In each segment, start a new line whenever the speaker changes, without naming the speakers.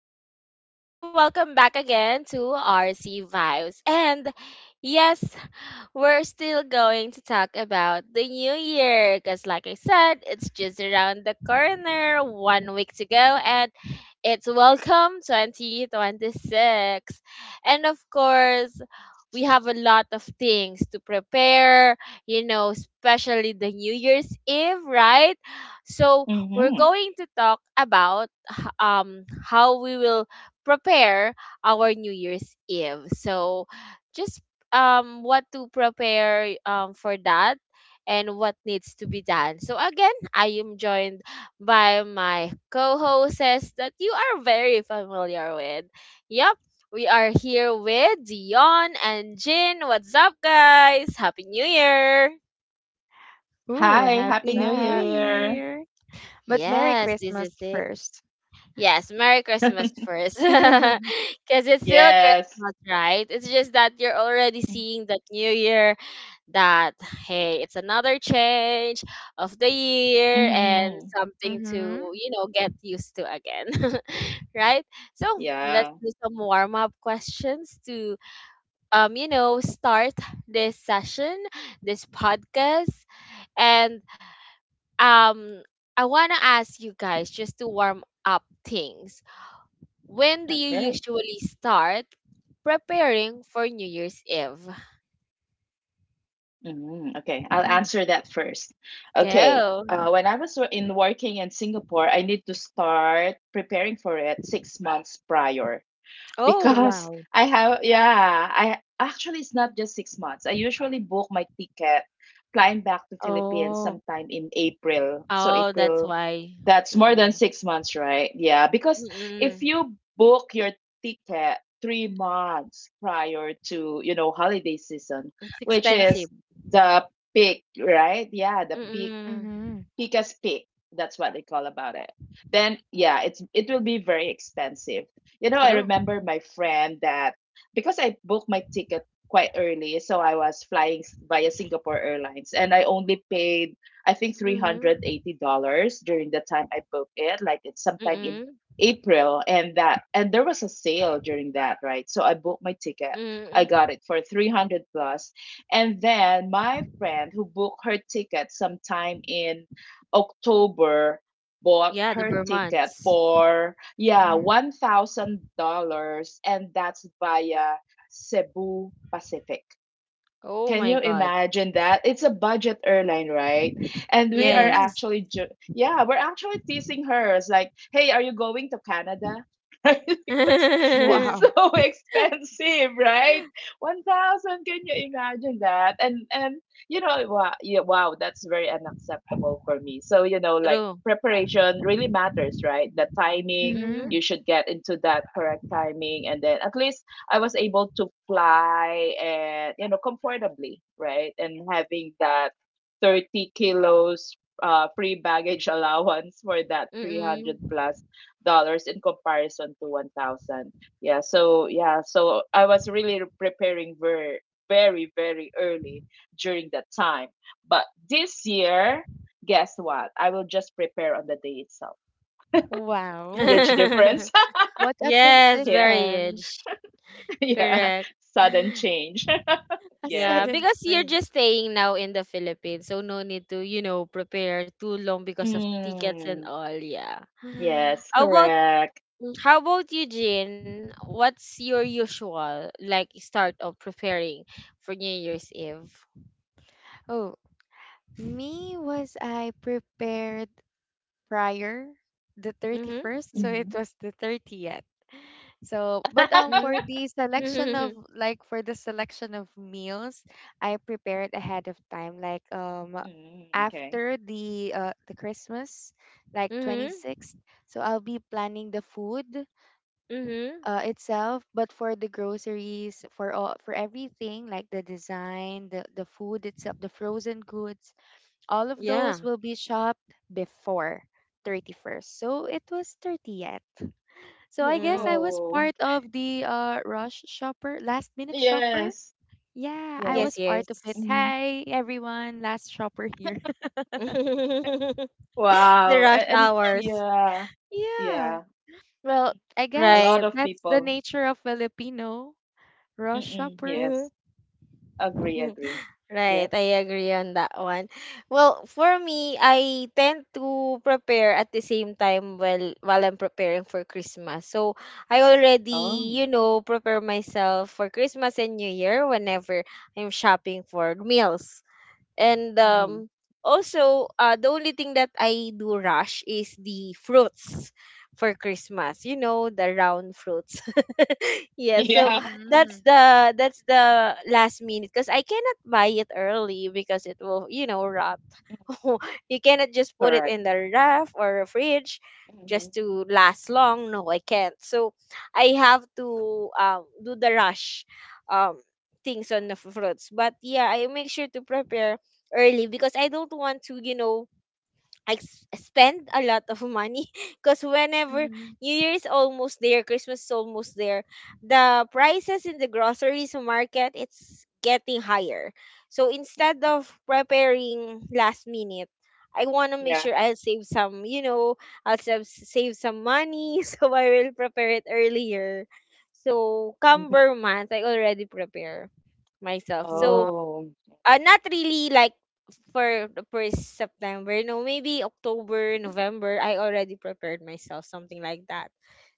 guys? And hello, welcome back again to RC Vibes. And yes, we're still going to talk about the new year because, like I said, it's just around the corner, one week to go, and it's Welcome 2026. And of course, we have a lot of things to prepare, you know, especially the New Year's Eve, right? So, we're going
Mhm.
to talk about how we will prepare our New Year's Eve. So, just what to prepare for that and what needs to be done. So again, I am joined by my co-hosts that you are very familiar with. Yep, we are here with Dion and Jin. What's up, guys? Happy New Year!
Ooh,
Hi, Happy
What's
Happy
New
New
up?
Year.
Year. But Merry
Yes, this
Christmas
is it.
first.
Yes, Merry Christmas first. Because it's still
Yes.
Christmas, right? It's just that you're already
Mm.
seeing that new year that, hey, it's another change of the year and
Mhm.
something to,
Mm-hmm.
you know, get used to again. Right? So let's
Yeah.
do some warm up questions to, you know, start this session, this podcast, and um, I wanna ask you guys just to warm up things. When do you
Okay.
usually start preparing for New Year's Eve?
Mhm. Okay. I'll
Mm.
answer that first. Okay.
Go.
When I was wo- in working in Singapore, I need to start preparing for it 6 months prior.
Oh,
because
Wow.
I have yeah, I actually, it's not just 6 months. I usually book my ticket flying back to Philippines
Oh.
sometime in April. So
oh, that's
April,
why.
that's more than
Mm-mm.
6 months, right? Yeah. Because if
Mm-mm.
you book your ticket 3 months prior to holiday season,
It's
which is
expensive.
the peak, right? Yeah, the peak.
Mm-mm.
Mm-hmm.
Pika's Peak. That's what they call about it. Then yeah, it will be very expensive. You know, I
True.
remember my friend that, because I booked my ticket quite early, so I was flying via Singapore Airlines, and I only paid, I think, three
Mm-hmm.
hundred eighty dollars during the time I booked it. Like it's sometime in
Mm-mm.
April, and that and there was a sale during that, right? So I booked my ticket. I
Mm-mm.
got it for 300 plus, and then my friend who booked her ticket sometime in October bought
Yeah, the
her ticket
Burmans.
for, yeah,
Mm-hmm.
$1,000, and that's via Cebu Pacific.
Oh
Can
my
you
God.
imagine that? It's a budget airline, right? And we are
Mm-hmm.
Yes.
actually, ju- yeah, we're actually teasing her. It's like, hey, are you going to Canada? Right? Because it's
Wow.
so expensive, right? 1,000. Can you imagine that? And you know, wow, yeah, wow, that's very unacceptable for me. So you know,
True.
like preparation really matters, right? The timing,
Mm-hmm.
Mm-hmm.
you should get into that correct timing, and then at least I was able to fly and, you know, comfortably, right? And having that 30 kilos free baggage allowance for that
Mm-mm.
300 plus dollars in comparison to 1,000. Yeah, so yeah, so I was really preparing very, very, very early during that time. But this year, guess what? I will just prepare on the day itself.
Wow.
Huge difference.
What a
Yes,
Yeah.
very
transition.
huge.
Yeah.
Correct.
Sudden change.
A
Yeah,
Yes.
sudden
because you're just
change.
staying now in the Philippines, so no need to, you know, prepare too long because of tickets and
Mm,
all. Yeah.
Mm-hmm.
yes,
How about
correct.
how about you, Jin? What's your usual like start of preparing for New Year's Eve?
Oh, me was I prepared prior the
Mm-hmm.
31st, so it
Mhm.
was the 30th. So, but for
Mm-hmm.
the selection of meals, I prepared ahead of time. Like
Mm, okay.
after the the Christmas, like twenty
Mm-hmm.
sixth. So I'll be planning the food
Mm-hmm.
itself, but for the groceries, for everything like the design, the food itself, the frozen goods, all of
Yeah.
those will be shopped before 31st. So it was 30th. So I guess
Mm-mm.
I was
Oh,
part
okay.
of the rush shopper, last minute shopper.
Yes,
Yeah, I
Yes,
yes.
was part of it.
yes.
Mhm.
Hi, everyone, last shopper here.
The
Wow.
rush
And
hours,
yeah,
Yeah.
yeah.
Well, I
A
guess
lot
right?
of
that's the
people.
nature of Filipino rush
Mm-mm,
shopper.
Mm-hmm.
yes, agree, agree.
Right,
Yep.
I agree on that one. Well, for me, I tend to prepare at the same time while I'm preparing for Christmas. So I
Oh.
already, you know, prepare myself for Christmas and New Year whenever I'm shopping for meals. And
Hmm.
also, the only thing that I do rush is the fruits for Christmas. You know, the round fruits, yeah, so
Yeah,
that's
Mm-hmm.
the last minute because I cannot buy it early because it will, you know, rot. You cannot just put
correct.
it in the ref or fridge
Hmm.
just to last long, no I can't. So I have to do the rush um things on the fruits, but yeah, I make sure to prepare early because I don't want to, you know, spend a lot of money because whenever
Mm-hmm.
New Year is almost there, Christmas is almost there, the prices in the groceries market it's getting higher. So instead of preparing last minute, I want to make
Yeah.
sure I'll save some, you know, save some money so I will prepare it earlier. So come
Hmm.
Burr month, I already prepare myself.
Wow.
So
Oh,
not really like for the first September. No, maybe October, November. I already prepared myself, something like that.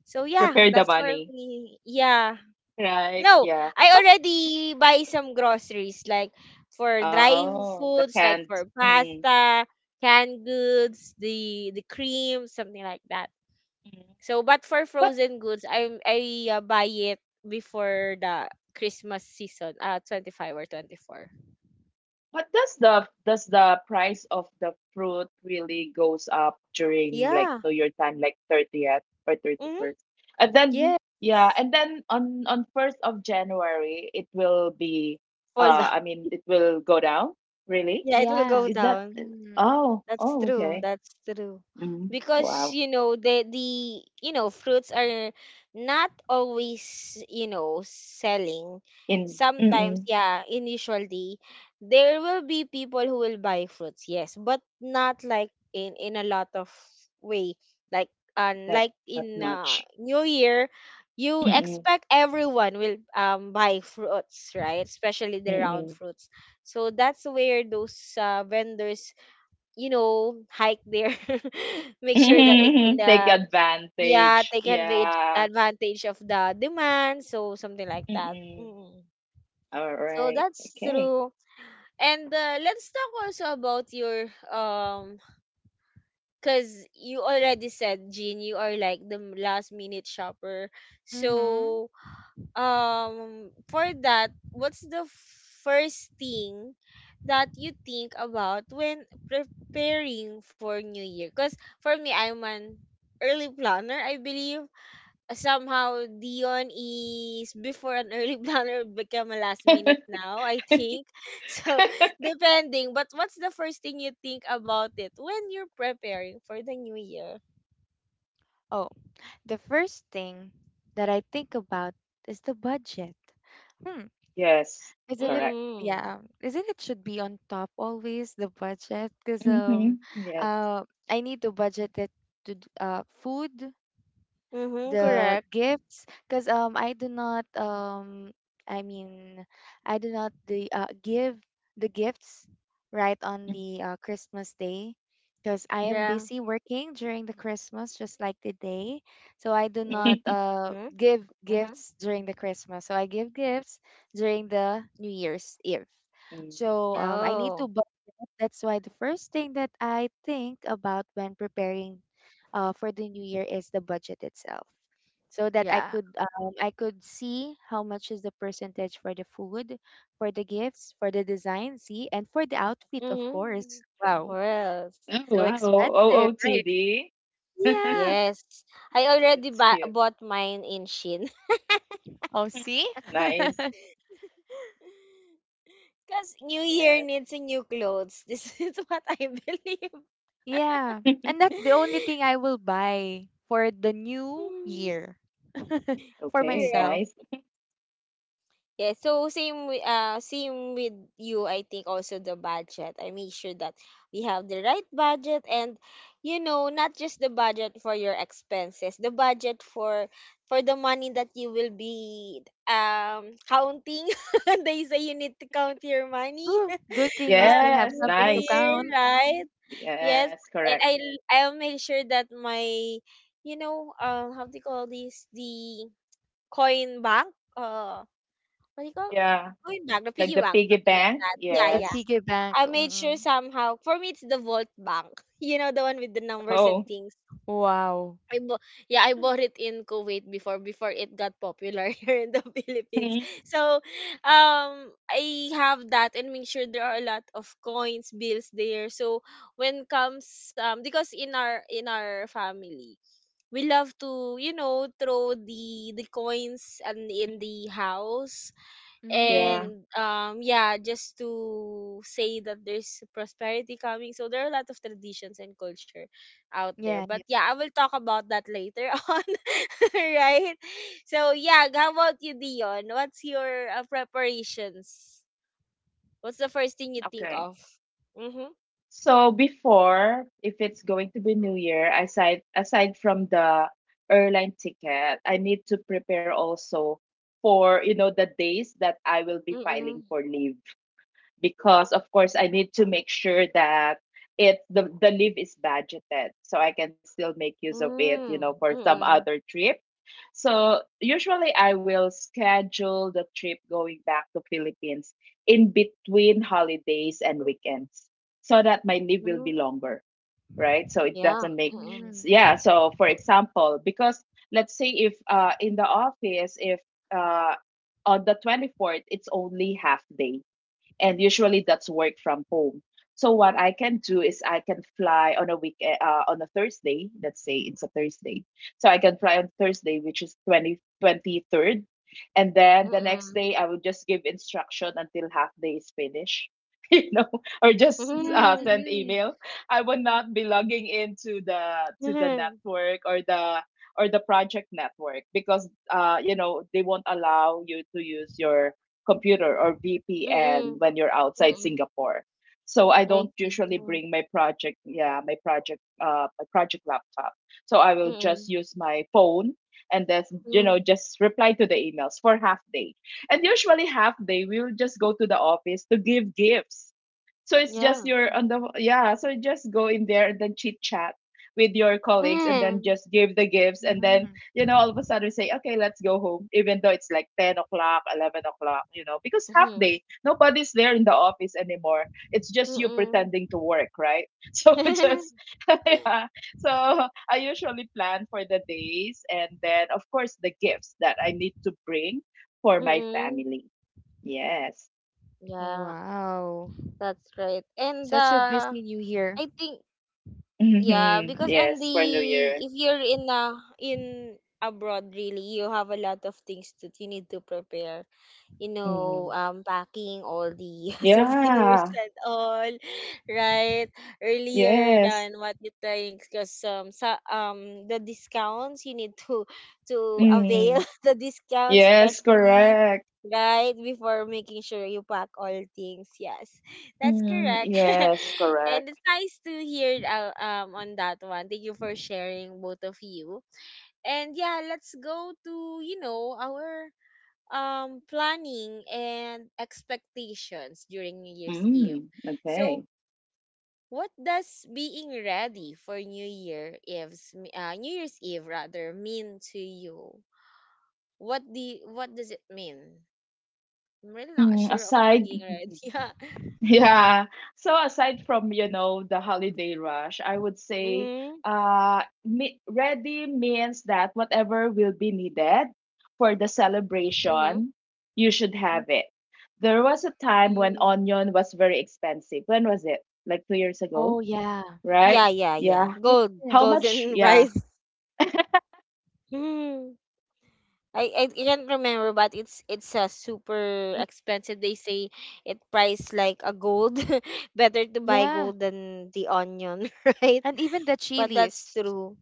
So yeah,
prepare the
that's for
money,
me. Yeah.
right?
No,
Yeah.
I
But
already buy some groceries like for dry
oh, the
foods,
canned.
like for
Mm.
pasta, canned goods, the cream, something like that.
Mm.
So, but for
But
frozen goods, I buy it before the Christmas season, 25 or 24.
but does the price of the fruit really goes up during like
Yeah.
New Year time, like 30th or
Mm-hmm.
31st? And
Yeah,
then yeah, and then on 1st of January it will be,
fall
uh
down.
I mean, it will go down, really?
Yeah, it will
Yeah.
go
Is that,
down.
Mm-hmm.
oh,
That's
oh
true.
okay.
That's true.
Mm,
Because
wow.
you know the fruits are not always, you know, selling.
In.
Sometimes,
Mm-mm,
yeah, initially there will be people who will buy fruits, yes, but not like in a lot of way.
not
Like
not
in
much.
New Year, you
Mm-mm,
expect everyone will buy fruits, right? Especially the round
mm-mm.
fruits. So that's where those vendors, you know, hike there. Make sure that it's in
Take
the, yeah,
advantage.
take advantage
Yeah.
of the demand, so something like that.
Mm-mm.
Mm.
All
So
right.
that's
Okay.
true. And let's talk also about your cuz you already said, Jean, you are like the last minute shopper.
Mm-hmm.
So for that, what's the first thing that you think about when preparing for new year because for me I'm an early planner, I believe somehow Dion is before an early planner become a last minute now, I think. So depending, but what's the first thing you think about it when you're preparing for the new year?
Oh, the first thing that I think about is the budget. Hmm.
Yes,
Isn't it?
correct.
Mm-mm.
Yeah, isn't it should be on top always, the budget, because
Mm-hmm. Yes.
uh I need to budget it to food,
Mm-hmm,
Mm,
the
correct.
gifts, because I do not, I mean, I do not the give the gifts right on
mm,
the Christmas day because I am
Yeah.
busy working during the Christmas, just like the day, so I do
Mm-hmm.
not
mm,
give gifts during the Christmas, so I give gifts during the New Year's Eve,
mm.
so I need to
Oh,
budget. That's why the first thing that I think about when preparing for the new year is the budget itself, so that I
yeah.
could I could see how much is the percentage for the food, for the gifts, for the design, see, and for the outfit, of course.
Mm-hmm.
Wow,
Pearls.
Oh,
so
wow.
expensive, right?
OOTD.
Yeah.
Yes. I already
That's
ba-
cute.
bought mine in Shin.
Oh,
Mhm.
see.
Nice.
Because New
Yes.
Year needs a new clothes. This is what I believe.
Yeah, and that's the only thing I will buy for the new year, for
Okay,
Mm.
myself.
nice.
Yeah, so same with you, I think also the budget. I make sure that we have the right budget and you know, not just the budget for your expenses, the budget for the money that you will be counting. They say you need to count your money
Ooh, good thing we
uh
still have
Yes,
during
something
the
to
nice.
year,
count.
right? Yes.
Yes,
And
correct.
I'll make sure that my, you know, um, how do you call this? The coin bank. Uh what do you call
Yeah,
Coin bank, the
like
piggy
the
bank,
piggy
something like
bank.
that.
The
Yeah, yeah.
Yes.
piggy bank.
I made sure
Mm-mm.
somehow. For me, it's the Volt Bank. You know, the one with the numbers and
Oh.
things.
Wow.
I bo- yeah, I bought it in Kuwait before it got popular here in the Philippines. So, um, I have that and make sure there are a lot of coins, bills there. So when comes because in our family, we love to, you know, throw the coins and in the house,
Yeah.
Mm.
and yeah just to say that there's prosperity coming. So there are a lot of traditions and culture out there,
Yeah,
but
yeah.
yeah, I will talk about that later. On, right? So yeah, how about you, Dion? What's your preparations, what's the first thing you think
Okay.
of? Mm-hmm.
So before, if it's going to be New Year, aside from the airline ticket, I need to prepare also for, you know, the days that I will be filing for
Mm-hmm.
leave, because of course I need to make sure that the leave is budgeted so I can still make use of it, you know, for some
Mm-hmm.
other trip. So usually I will schedule the trip going back to Philippines in between holidays and weekends so that my leave will be
Mm-hmm.
longer, right? So it
Yeah.
doesn't make,
Mm-hmm.
Mhm.
yeah, so for example, because let's say if in the office, if uh on the 24th it's only half day, and usually that's work from home. So what I can do is I can fly on a Thursday. Let's say it's a Thursday, so I can fly on Thursday, which is twenty twenty third, and then the next
Mm-hmm.
day I will just give instruction until half day is finished. You know, or just
Mhm,
Mm-hmm.
send email.
mhm.
I will not be logging into the to the network, or the project network, because you know they won't allow you to use your computer or VPN
Mm-hmm.
when you're outside
Mm-hmm.
Singapore. So I don't
I see.
usually bring
Mm-hmm.
my project, yeah, my project laptop. So I will just use my phone and then you know
Mm-hmm.
just reply to the emails for half day. And usually half day we will just go to the office to give gifts, so it's just
Yeah.
you're on the yeah. So just go in there and then chit chat with your colleagues, and then
Mm.
just give the gifts, and then,
Mhm.
you know, all of a sudden say, okay, let's go home, even though it's like 10 o'clock, 11 o'clock, you know, because half day
Mhm.
nobody's there in the office anymore. It's just you
Mm.
pretending to work, right? So just
Mhm.
yeah, so I usually plan for the days and then of course the gifts that I need to bring for my
Mm.
family. Yes.
Yeah,
Wow.
that's right. And
Such a
uh
busy new
I
year.
think yeah,
Hmm,
because on
yes,
the,
for new year.
if you're in a, in abroad really, you have a lot of things that you need to prepare. You know,
Mm.
packing all the souvenirs
Yeah.
and all, right? Earlier
Yes.
than what you think, because the discounts you need to
Mm.
avail the discounts,
Yes,
especially
correct.
right before making sure you pack all things. Yes, that's
Mm.
correct,
Yes,
and
correct.
it's nice to hear on that one. Thank you for sharing, both of you. And yeah, let's go to, you know, our planning and expectations during New Year's Eve.
Mm. Okay.
So, what does being ready for New Year's Eve rather mean to you? What does it mean? I'm really not
Mm.
sure of
Aside,
being ready.
yeah. So aside from, you know, the holiday rush, I would
Yeah.
say,
Mm-hmm.
ready means that whatever will be needed for the celebration, you should
Mm.
have it. There was a time when
Mm-hmm.
onion was very expensive. When was it? Like 2 years ago,
Oh, yeah.
Yeah,
right?
yeah, yeah.
Yeah.
Gold,
How
Yes.
much?
golden
Yeah.
rice. Mm-hmm. I can't remember, but it's a super expensive. They say it priced like a gold. Better to buy
Yeah.
gold than the onion, right?
And even the
But that's
chilies.
true.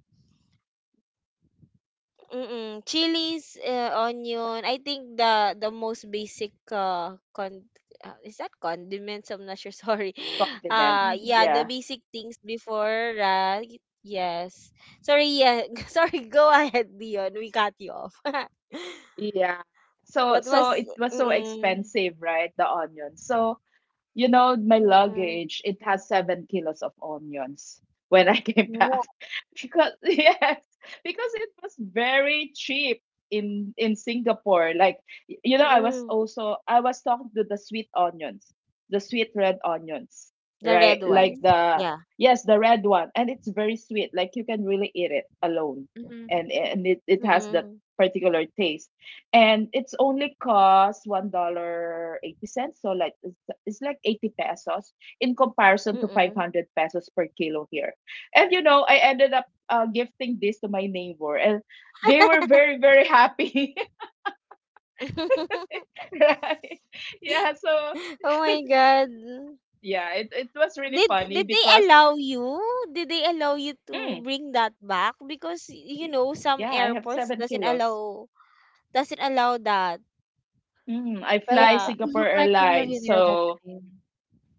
Mm-mm. Chilies, onion. I think the most basic con is that condiments. I'm not sure. Sorry.
Condiment.
Mhm.
Yeah,
Yeah,
the basic things before, right? Yes. Sorry. Yeah. Sorry. Go ahead, Dion. We cut you off.
yeah. So
What
so
was?
it was so
Mm-mm.
expensive, right? The onion. So, you know, my
Mm,
luggage, it has 7 kilos of onions when I came
Wow.
back. Because yes, because it was very cheap in Singapore. Like, you know,
mm.
I was talking to the sweet onions, the sweet red onions,
The
right?
red
Like
ones.
Mhm.
the
Yeah.
yes, the red one. And it's very sweet. Like, you can really eat it alone.
Mhm.
And it has that
Mm,
particular taste. And it's only cost $1.80, so like it's like 80 pesos in comparison to
mm.
500 pesos per kilo here. And, you know, I ended up gifting this to my neighbor, and they were very, very happy, right? Yeah, so
Oh my God.
yeah, it was really
Did
funny
they
because,
allow you? Did they allow you to
mm,
bring that back? Because you know some
yeah, I have
airports
seven
doesn't
kilos.
allow that.
Mm, I
But I
fly
guess
Yeah.
you
Singapore
look like a
Airlines,
millionaire that
so
time.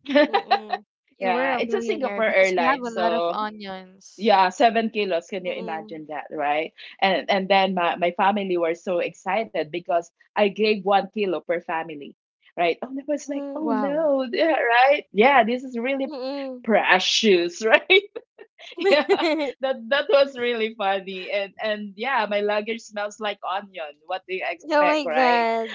Mm,
You were
yeah,
a
it's a
millionaire
Singapore
because you have
Airlines,
a lot of
so
onions.
yeah, 7 kilos, can you
mm.
imagine that, right? And then my family were so excited because I gave 1 kilo per family, right? Oh, I was like,
Mm,
oh
Wow.
no. Yeah, right, yeah, this is really
mm.
precious, right. Yeah. That was really funny, and yeah, my luggage smells like onion, what do you
Oh
expect,
my
right?
God.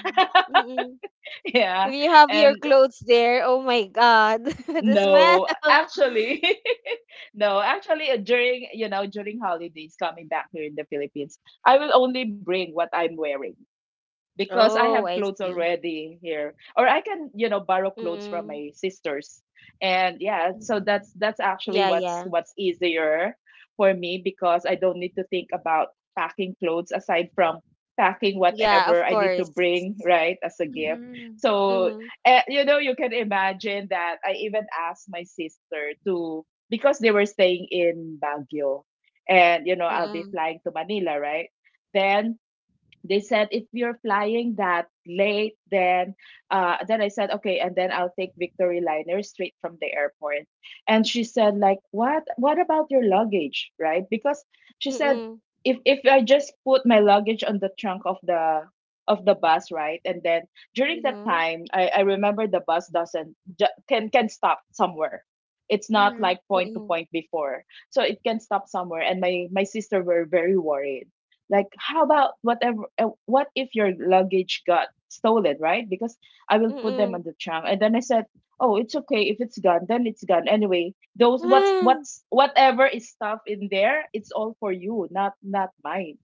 Mm.
Yeah.
If you have your
And
clothes there, oh my God, the
no,
smell.
actually, no, actually, during, during holidays coming back here in the Philippines, I will only bring what I'm wearing, because I have
Oh, I
clothes
see.
already here, or I can, you know,
Mm.
borrow clothes from my sisters, and yeah, so
Mhm.
that's
Yeah,
that's
yeah.
actually what's what's easier for me, because I don't need to think about packing clothes aside from packing
Yeah, of
whatever I
course.
need to bring, right, as a gift.
Mhm.
So,
Mhm.
you know, you can imagine that I even asked my sister to, because they were staying in Baguio, and you know I'll be
Mm.
flying to Manila, right? Then they said, if you're flying that late then, then I said, okay, and then I'll take Victory Liner straight from the airport. And she said, like, what about your luggage, right? Because she said,
Mm.
if I just put my luggage on the trunk of the bus, right? And then during that
Mhm.
time I remember the bus doesn't ju- can stop somewhere, it's not
Mhm.
like point to
Mm.
point before. So it can stop somewhere, and my sister were very worried, like how about whatever, what if your luggage got stolen, right? Because I will put them
Mm.
on the trunk. And then I said, oh, it's okay, if it's gone then it's gone anyway, those, what's
Ah,
what's whatever is stuff in there, it's all for you, not mine.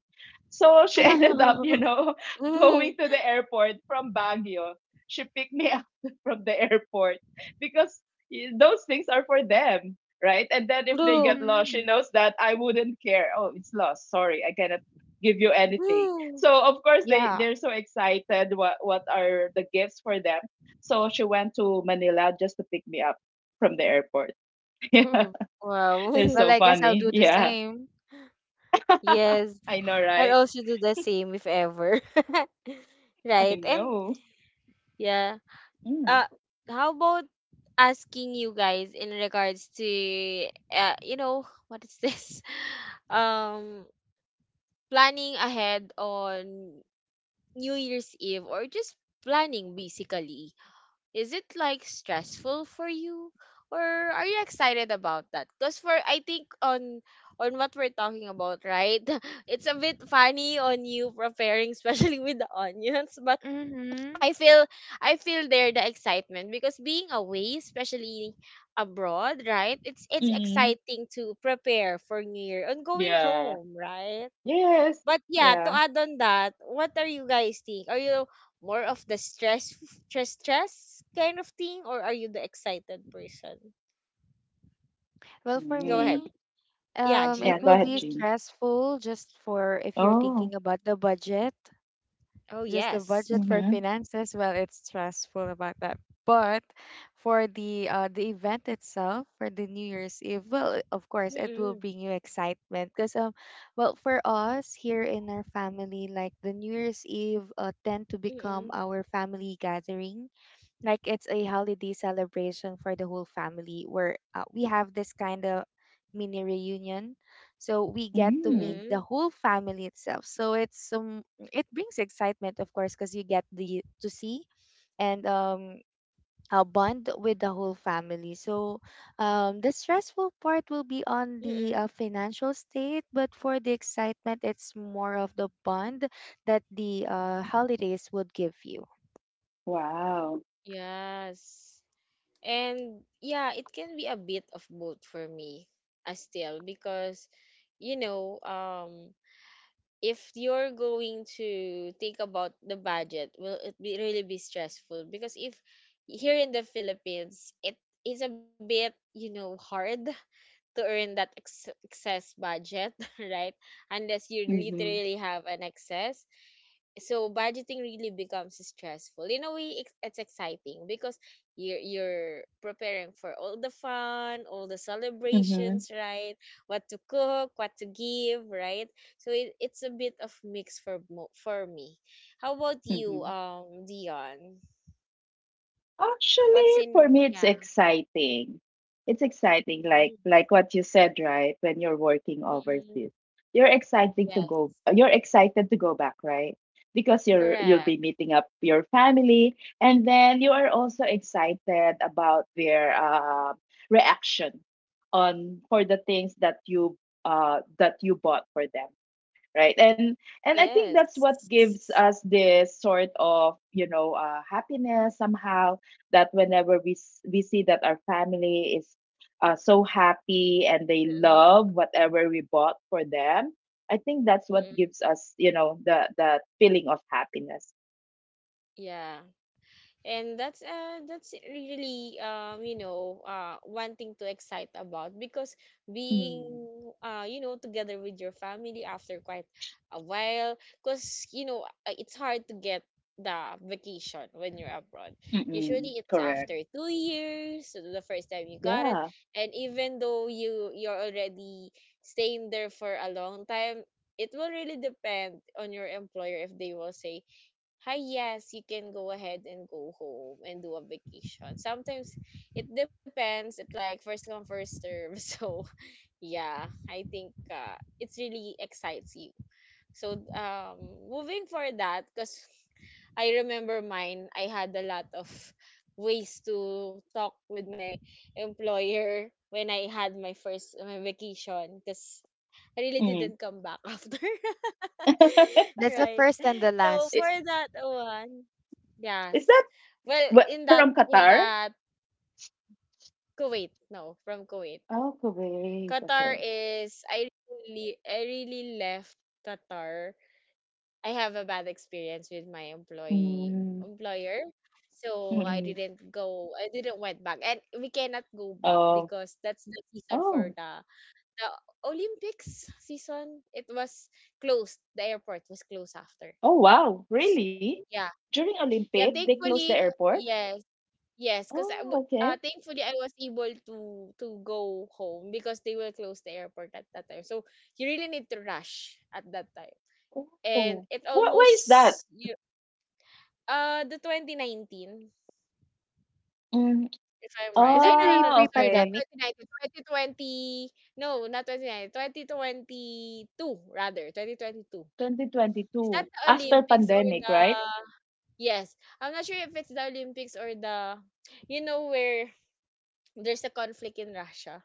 So she ended up, you know,
Mhm.
going to the airport from Baguio. She picked me up from the airport, because those things are for them, right? And then if they
True.
get lost, she
Mhm.
knows that I wouldn't care. Oh, it's lost. Sorry, I cannot give you anything.
Mm.
So of course they
Yeah.
they're so excited what are the gifts for them. So she went to Manila just to pick me up from the airport. Yeah. They're
Wow.
Well,
so
I guess I'll
funny.
do the
Yeah.
same.
Yes.
I know,
I'll
right?
also do the same if ever.
I
Right. And
know.
yeah.
Mm.
Uh how about asking you guys in regards to you know, what is this? Um Planning ahead on New Year's Eve or just planning basically, is it like stressful for you or are you excited about that? Because for I think on what we're talking about, right? It's a bit funny on you preparing, especially with the onions, but
Mhm.
I feel I feel there the excitement because being away, especially abroad, right? It's
Mm.
exciting to prepare for New Year and going
Yeah.
home, right?
Yes.
But yeah, to
Yeah.
add on that, what are you guys think? Are you more of the stress, stress kind of thing, or are you the excited person?
Well, for
Go
Mhm.
ahead.
me,
Yeah,
Yeah,
it
Jean.
go
will
ahead,
be
Jean.
stressful just for if you're
Oh.
thinking about the budget,
Oh
just the
yes.
budget for
Mm-hmm.
finances. Well, it's stressful about that. But for the the event itself, for the New Year's Eve, well, of course, it will
Mm-mm,
bring you excitement because well, for us here in our family, like the New Year's Eve, tend to become
mm-mm,
our family gathering, like it's a holiday celebration for the whole family where we have this kind of mini reunion, so we get to
mm-mm,
Mm-hmm.
meet the whole family itself, so it's it brings excitement, of course, because you get the to see and bond with the whole family, so the stressful part will be on
mm-mm.
the financial state, but for the excitement it's more of the bond that the holidays would give you.
Wow.
Yes. And yeah, it can be a bit of both for me as still because you know, if you're going to think about the budget, will it be really be stressful? Because if here in the Philippines, it is a bit, you know, hard to earn that excess budget, right? Unless you literally
Mhm.
have an excess, so budgeting really becomes stressful. In a way it's exciting because you're preparing for all the fun, all the celebrations,
Mhm.
right? What to cook, what to give, right? So it's a bit of mix for me. How about you,
Mhm.
Dion? What's
Actually,
in,
for me, it's
yeah.
exciting. It's exciting,
Mhm.
like what you said, right? When you're working
Mm-mm.
overseas, you're excited to
Yes,
go. You're excited to go back, right? Because you'll
correct.
be meeting up your family, and then you are also excited about their reaction on for the things that you bought for them, right. And I think
Yes.
that's what gives us this sort of, happiness somehow, that whenever we see that our family is so happy and they
Mm-mm.
love whatever we bought for them. I think that's what
Mm-mm.
gives us, the feeling of happiness.
Yeah, and that's really, you know, one thing to excite about because being
Mm.
you know, together with your family after quite a while, because you know, it's hard to get the vacation when you're abroad. Usually
Mm-mm.
it's after
Correct.
Hmm.
2 years, so the first time you got it,
Yeah.
and even though you're already staying there for a long time, it will really depend on your employer if they will say, hi, yes, you can go ahead and go home and do a vacation. Sometimes it depends, it like first come first serve, so yeah, I think it really excites you. So, moving for that, because I remember mine, I had a lot of ways to talk with my employer when I had my vacation, because I really didn't
Mm.
come back after.
I-
That's the
Right.
first and the
So for
last.
that one,
is
yes.
that
Well,
what, from
in
Qatar?
that Kuwait, no, from Kuwait.
Oh, Kuwait,
Qatar,
okay.
is I really left Qatar. I have a bad experience with my employee
Mm.
employer. So
Mm-mm.
I didn't went back, and we cannot go back
Oh.
because that's the season for
Oh.
the Olympics season. It was closed. The airport was closed after.
Oh, wow.
So
Really?
yeah.
During
Yeah,
Olympic, they
Mhm.
closed the
thankfully,
airport?
yes. Yes, because
Oh, okay.
thankfully I was able to go home, because they will close the airport at that time. So you really need to rush at that time, and
Oh.
it
What, why is that?
almost. The 2019,
Mm.
if I'm right.
Is
Ay,
it
no, no,
the
no, no,
Oh,
sorry, not
okay.
pre-pandemic?
2019, 2020, no, not 2019, 2022, rather, 2022. Is that
2022.
the
After
Olympics or
pandemic,
the,
right?
yes, I'm not sure if it's the Olympics or the, you know, where there's a conflict in Russia,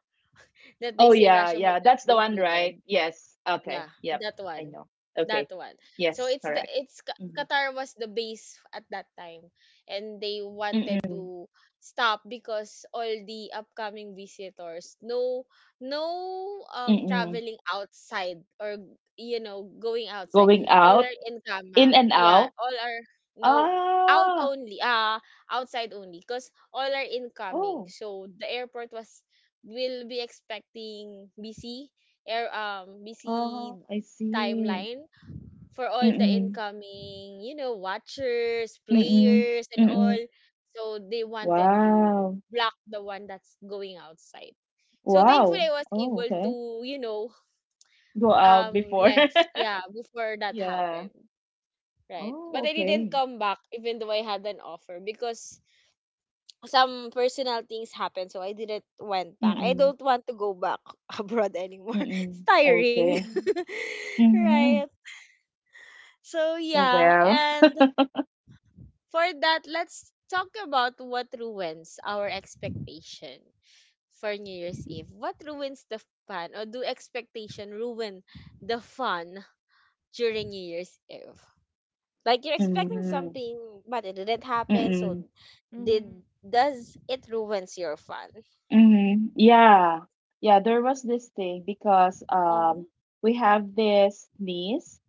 that they
Oh,
say
yeah,
Russia will
yeah.
not
That's the
be
one, right?
included.
Yes.
Yeah,
Okay. Yep.
that
I
one.
know.
That
Okay.
one. So
Yes,
it's the
correct.
it's
Mm-hmm.
Qatar was the base at that time, and they wanted
Mm-mm.
to stop because all the upcoming visitors, no, no,
Mm-mm.
traveling outside, or you know, going outside.
Going
All
out,
are in
in
Kamang.
and
Yeah,
out.
all are no out
Ah,
only, ah, outside only, because all are incoming.
oh.
So the airport was will be expecting busy air busy
Oh, I see.
timeline for all the
Mm-mm.
incoming, you know, watchers,
Mm-mm.
players, and all.
Mm-mm.
So they wanted to
Wow.
block the one that's going outside. So thankfully,
Wow.
I was
Oh,
able to,
okay.
you know,
Go out before.
left. Yeah, before that
Yeah.
happened. Right.
Oh,
But I didn't
okay.
come back even though I had an offer because some personal things happened, so I didn't went back. I
Mm-mm.
don't want to go back abroad anymore. It's
Mm-mm.
tiring.
Okay.
Mhm.
Right.
Mm-hmm.
So
Well,
yeah,
well.
and for that, let's talk about what ruins our expectation for New Year's Eve. What ruins the fun, or do expectation ruin the fun during New Year's Eve? Like you're expecting
Mm-hmm.
something but it didn't happen,
Mm.
so did
Mm-hmm.
does it ruins your fun?
Mm-hmm. Yeah. Yeah, there was this thing because
Mm-hmm.
we have this niece,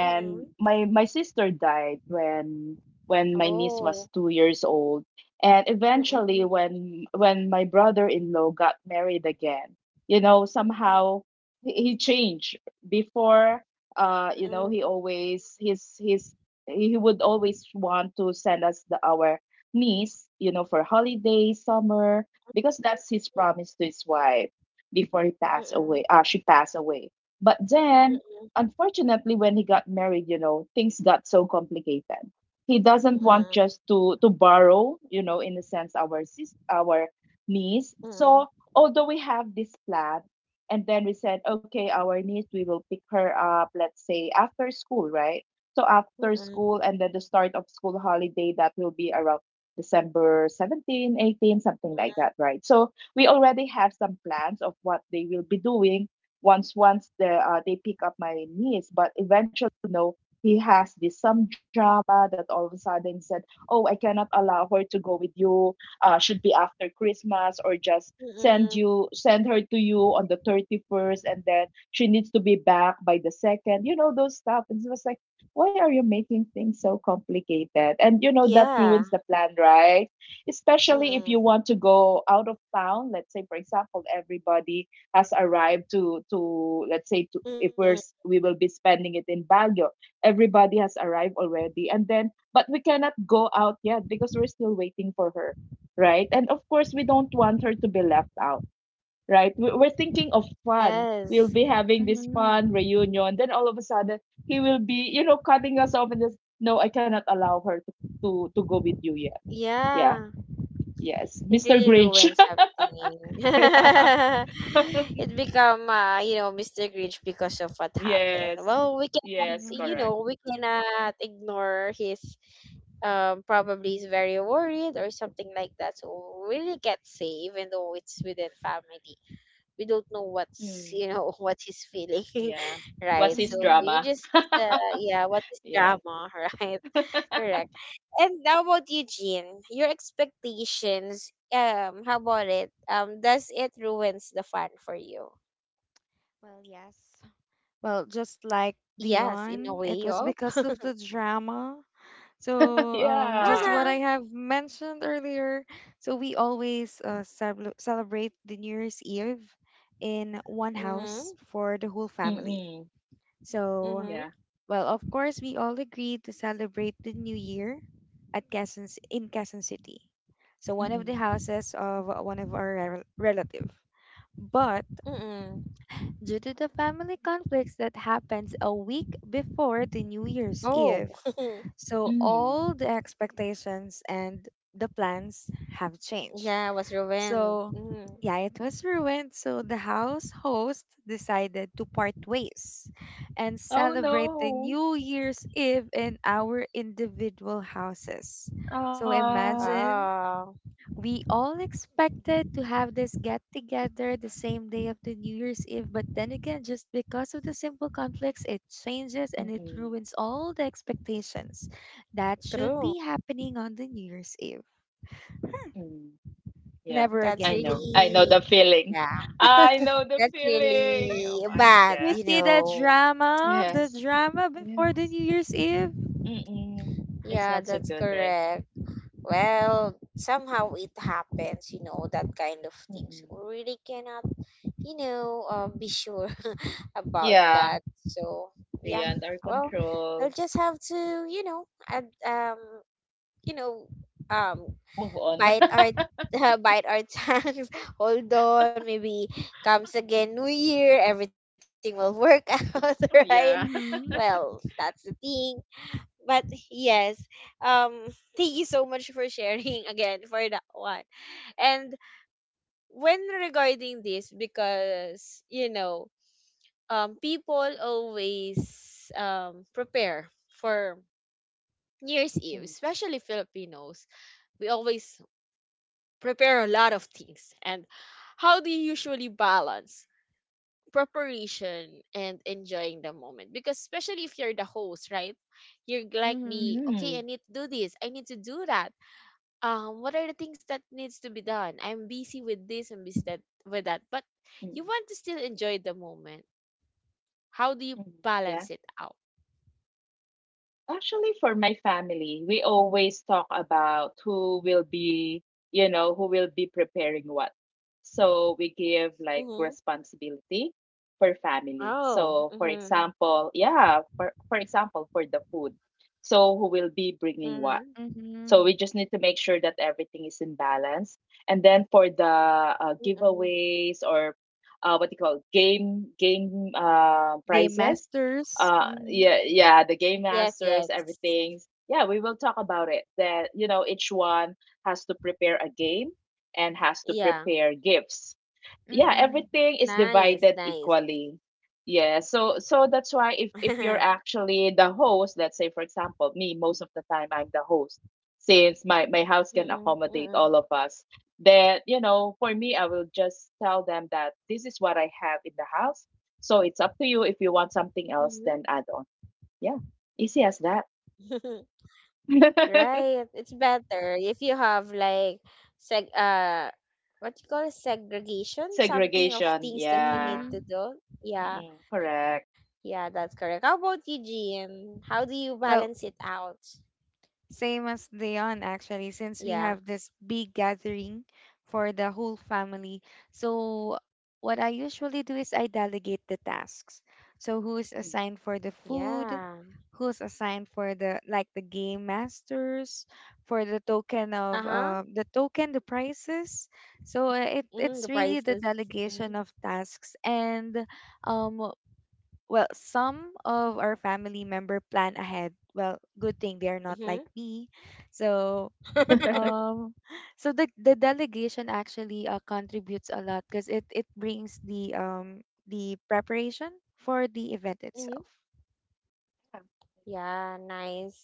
Mm-hmm.
my sister died when my niece was
Oh,
2 years old. And eventually,
mm-mm,
when my brother-in-law got married again, you know, somehow he changed. Before, you know,
mm-mm,
he would always want to send us the our niece, you know, for holidays, summer, because that's his promise to his wife before he passed
mm-mm,
away. Ah, she passed away. But then,
mm-mm,
unfortunately, when he got married, you know, things got so complicated. He doesn't want
mm-mm,
just to borrow, you know, in a sense, our our niece. So
mm-mm,
although we have this plan, and then we said, okay, our niece, we will pick her up, let's say after school, right? So
mm-mm,
after
mm-mm,
school, and then the start of school holiday, that will be around December 17, 18, something like that, right? So we already have some plans of what they will be doing once they pick up my niece. But eventually, you know, he has this some drama that all of a sudden he said, "Oh, I cannot allow her to go with you. Should be after Christmas, or just
mm.
send her to you on the 31st, and then she needs to be back by the second. You know those stuff." And it was like, why are you making things so complicated? And you know, that ruins
Yeah.
the plan, right? Especially if you
Mm-mm,
want to go out of town. Let's say, for example, everybody has arrived to,
mm-mm.
if we will be spending it in Baguio, everybody has arrived already. And then, but we cannot go out yet because we're still waiting for her, right? And of course, we don't want her to be left out, right? We're thinking of fun.
Yes.
We'll be having this
Mm-hmm.
fun reunion. Then all of a sudden, he will be, cutting us off and just, no, I cannot allow her to go with you yet. Yeah.
Yeah.
Yes.
It
Mr.
really
Grinch.
ruins something.
Yeah.
It become you know, Mr. Grinch because of what happened.
Yes.
Well, we cannot,
Yes.
you
Mhm.
Correct.
know, we cannot ignore his probably is very worried or something like that. So we really get safe even though it's within family. We don't know what's,
Mm.
you know, what he's feeling,
Yeah. What's
right,
his
so you
Mhm.
drama?
just uh, yeah, what is
Yes.
drama, right, correct. And how about you, Jean? Your expectations, how about it, does it ruins the fun for you?
Well, yes. Well, just like
Yes, in a
Dion,
way
it
of,
was because of the drama. So, just
Yeah.
uh-huh,
what I have mentioned earlier. So, we always celebrate the New Year's Eve in one house
mm-hmm,
for the whole family.
Mm-mm.
So,
mm-hmm,
Yeah.
well, of course, we all agreed to celebrate the new year at in Quezon City. So one of the
Mm-mm.
houses of one of our relative. But
mm-hmm,
due to the family conflicts that happens a week before the New Year's
oh,
Eve, so
Mm.
all the expectations and the plans have changed.
yeah, was ruined,
So,
mm.
yeah, it was ruined. So the house host decided to part ways and
Oh
celebrate the
no.
New Year's Eve in our individual houses. So
Ah.
imagine
Oh,
we all expected to have this get together the same day of the New Year's Eve, but then again, just because of the simple conflicts, it changes and it
Mm-mm.
ruins all the expectations that should
true,
be happening on the New Year's Eve.
Mm. Yeah,
Never
that's
I know.
again.
I know the
really,
feeling.
yeah.
I know the
That's
feeling. Oh
really
my,
bad,
You
yeah.
you
see
know.
the
Yes.
drama before the
Yes.
New Year's Eve.
Mm-mm. It's
Yeah,
not so
that's
good, right?
correct.
Mm.
Well, somehow it happens, you know, that kind of things. We
Mm-mm.
really cannot, you know, be sure about
Yeah,
that. So, yeah,
beyond our
well, I'll
control.
just have to, you know, add, you know, um,
Move on.
bite our bite our tongues. Hold on, maybe comes again New Year, everything will work out, right?
Yeah.
Well,
Mhm.
that's the thing, but yes, um thank you so much for sharing again for that one. And when regarding this, because you know, people always prepare for New Year's Eve,
Mm.
especially Filipinos, we always prepare a lot of things. And how do you usually balance preparation and enjoying the moment, because especially if you're the host, right, you're like me,
Mhm.
okay, I
Mm.
need to do this, I need to do that, what are the things that needs to be done, I'm busy with this and busy that with that, but you
Mm-mm.
want to still enjoy the moment, how do you balance
Yeah.
it out?
Actually, for my family, we always talk about who will be preparing what. So we give like
Mm-hmm.
responsibility per family.
Oh.
So, for
Mm-hmm.
example, yeah, for example, for the food. So, who will be bringing
Mm-hmm.
what? So
Mhm.
we just need to make sure that everything is in balance. And then for the
Mm-hmm.
giveaways, or what do you call it? game
Game
prizes.
Masters. Mhm.
Yeah, yeah, the game
Yes, yes.
masters, everything. Yeah, we will talk about it, that you know, each one has to prepare a game and has to
Yeah.
prepare gifts. Yeah,
Mhm.
everything is
Nice,
divided
nice.
equally. Yeah. So that's why, if you're actually the host, let's say, for example, me, most of the time I'm the host, since my house
Mm-mm,
can
mm-mm,
accommodate all of us. Then, for me, I will just tell them that this is what I have in the house. So it's up to you, if you want something
mhm.
else, then add on. Yeah, easy as that.
Right. It's better if you have like seg what you call segregation, something of things
Segregation,
that you need to
yeah.
Mhm.
do. Yeah.
Mm-mm.
Yeah,
Correct.
that's correct. How about you, Jean? How do you balance it
Well,
out?
same as Dion, actually,
Yeah.
since we have this big gathering for the whole family. So, what I usually do is I delegate the tasks. So, who is assigned for the
Yeah.
food? Who's assigned for the game masters, for the token
Uh-huh.
of uh, the token, the prices. So it
Mm, the
it's really
prices.
the delegation of tasks, and um well, some of our family member plan ahead. Well, good thing they are not
Mm-hmm.
like me. So, um, so the delegation actually contributes a lot because it brings the preparation for the event
Mm-hmm.
itself.
Yeah, nice.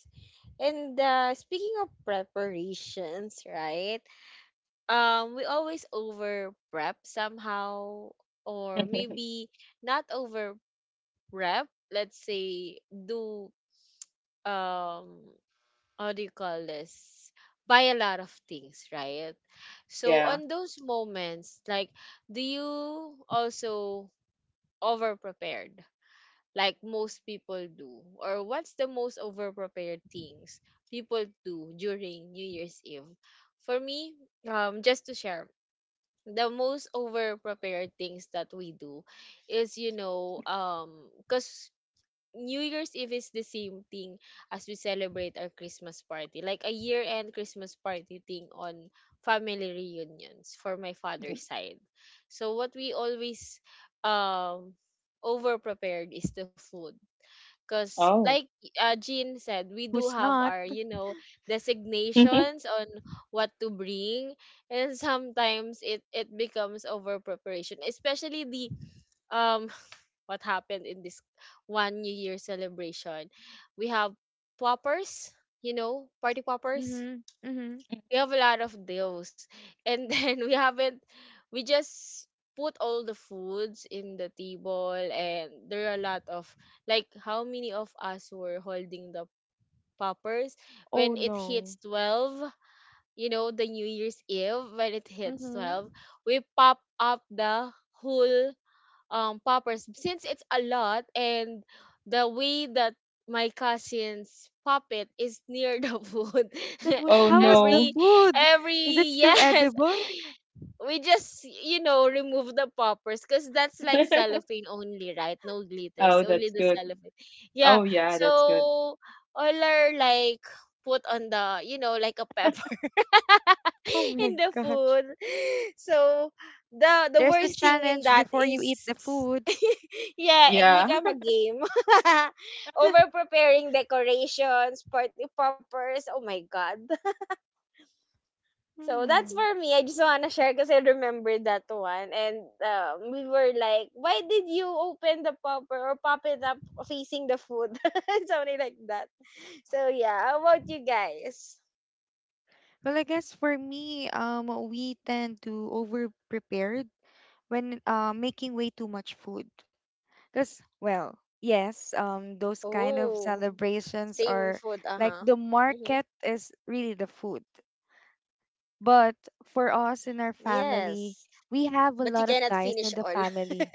And speaking of preparations, right? We always over prep somehow, or
Mm.
maybe not over prep. Let's say do, um how do you call this, buy a lot of things, right? So on
Yeah.
those moments, like, do you also over prepared like most people do, or what's the most over prepared things people do during New Year's Eve? For me, just to share, the most over prepared things that we do is, you know, because New Year's Eve is the same thing as we celebrate our Christmas party, like a year-end Christmas party thing on family reunions for my father's
Mm.
side. So what we always um over prepared is the food. Cause like
Oh.
Jean said, we do
Who's
have
not?
our, you know, designations on what to bring, and sometimes it becomes over preparation, especially the um what happened in this one New Year celebration. We have poppers, you know, party poppers.
Mm-hmm. Mm-hmm.
We have a lot of those. And then we haven't, we just put all the foods in the table, and there are a lot of, like how many of us were holding the poppers when
Oh
it hits
no.
12, you know, the New Year's Eve, when it hits
Mm-hmm.
12, we pop up the whole poppers, since it's a lot, and the way that my cousin's pop it is near the food.
The food.
Oh
How was the
every
no.
food? Is it
every,
still
yes,
edible?
we just, you know, remove the poppers, because that's like cellophane only, right, no glitters,
Oh,
only
that's
the
good.
cellophane, yeah.
Oh yeah, that's good.
So all are like put on the, you know, like a pebble
Oh
in
my
the
gosh.
food. So the
There's a
worst thing in
challenge
that
before you
is
eat the food.
yeah, it
Yeah.
become a game. Over preparing decorations, party poppers. Oh my god. So that's
Hmm.
for me. I just wanna share because I remember that one. And we were like, why did you open the popper or pop it up facing the food? Something like that. So yeah, how about you guys?
Well, I guess for me, we tend to over prepared when making way too much food. Because, well, yes,
Oh,
those kind of
same food, uh-huh.
celebrations are
Mm-hmm.
like the market is really the food. But for us in our
Yes,
family,
but you
we
cannot
have a
finish
lot of
all.
guys in the family.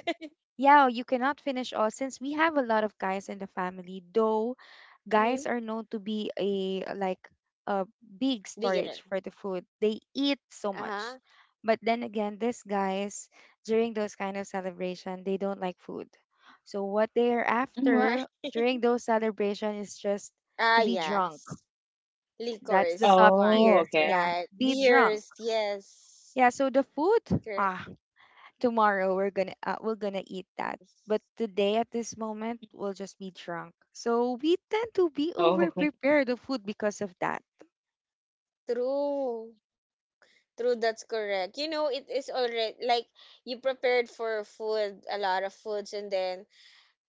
Yeah, you cannot finish all since we have a lot of guys in the family, though
Mm-hmm.
guys are known to be a, like, a big
Beginner.
storage for the food. They eat so
Uh-huh.
much. But then again, these guys, during those kind of celebration, they don't like food. So what they are
Mhm.
Why?
after during those celebration is just
Ah,
to be drunk.
yes.
That's the
Liquors,
top
Oh,
wines,
tier.
okay.
Yeah,
right?
be drunk.
Beers, yes.
Yeah, so the food,
Correct.
ah, tomorrow we're gonna eat that, but today at this moment we'll just be drunk, so we tend to be over
Oh.
prepared of food because of that.
True. True, that's correct. You know, it is already like you prepared for food, a lot of foods, and then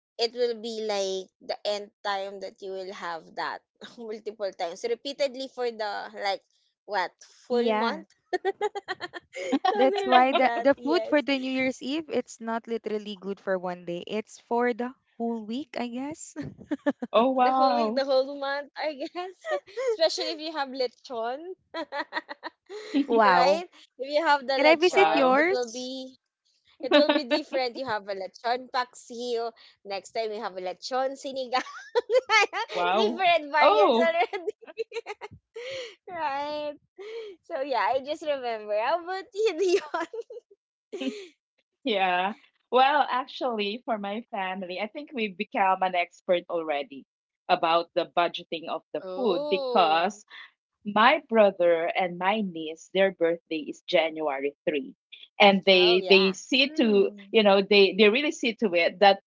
it will be like the end time that you will have that multiple times repeatedly for the like what full month,
Yeah,
something
that's
like
why the,
that,
the food
yes,
for the new year's eve, it's not literally good for one day, it's for the whole week, I guess.
Oh
the whole week, the
wow.
whole month, I guess. Especially if you have lechon. Right.
Wow.
If you have the
Can I visit
lechon, it
Wow.
will
yours?
be, it will be different, you have a lechon paksiw, next time you have a lechon sinigang,
Wow.
different variants
Oh,
already. Right. So yeah, I just remember. How about you, Dion?
yeah. Well, actually, for my family, I think we've become an expert already about the budgeting of the food,
Oh,
because my brother and my niece, their birthday is January 3, and
oh
they
yeah.
see to,
Mm.
they really see to it that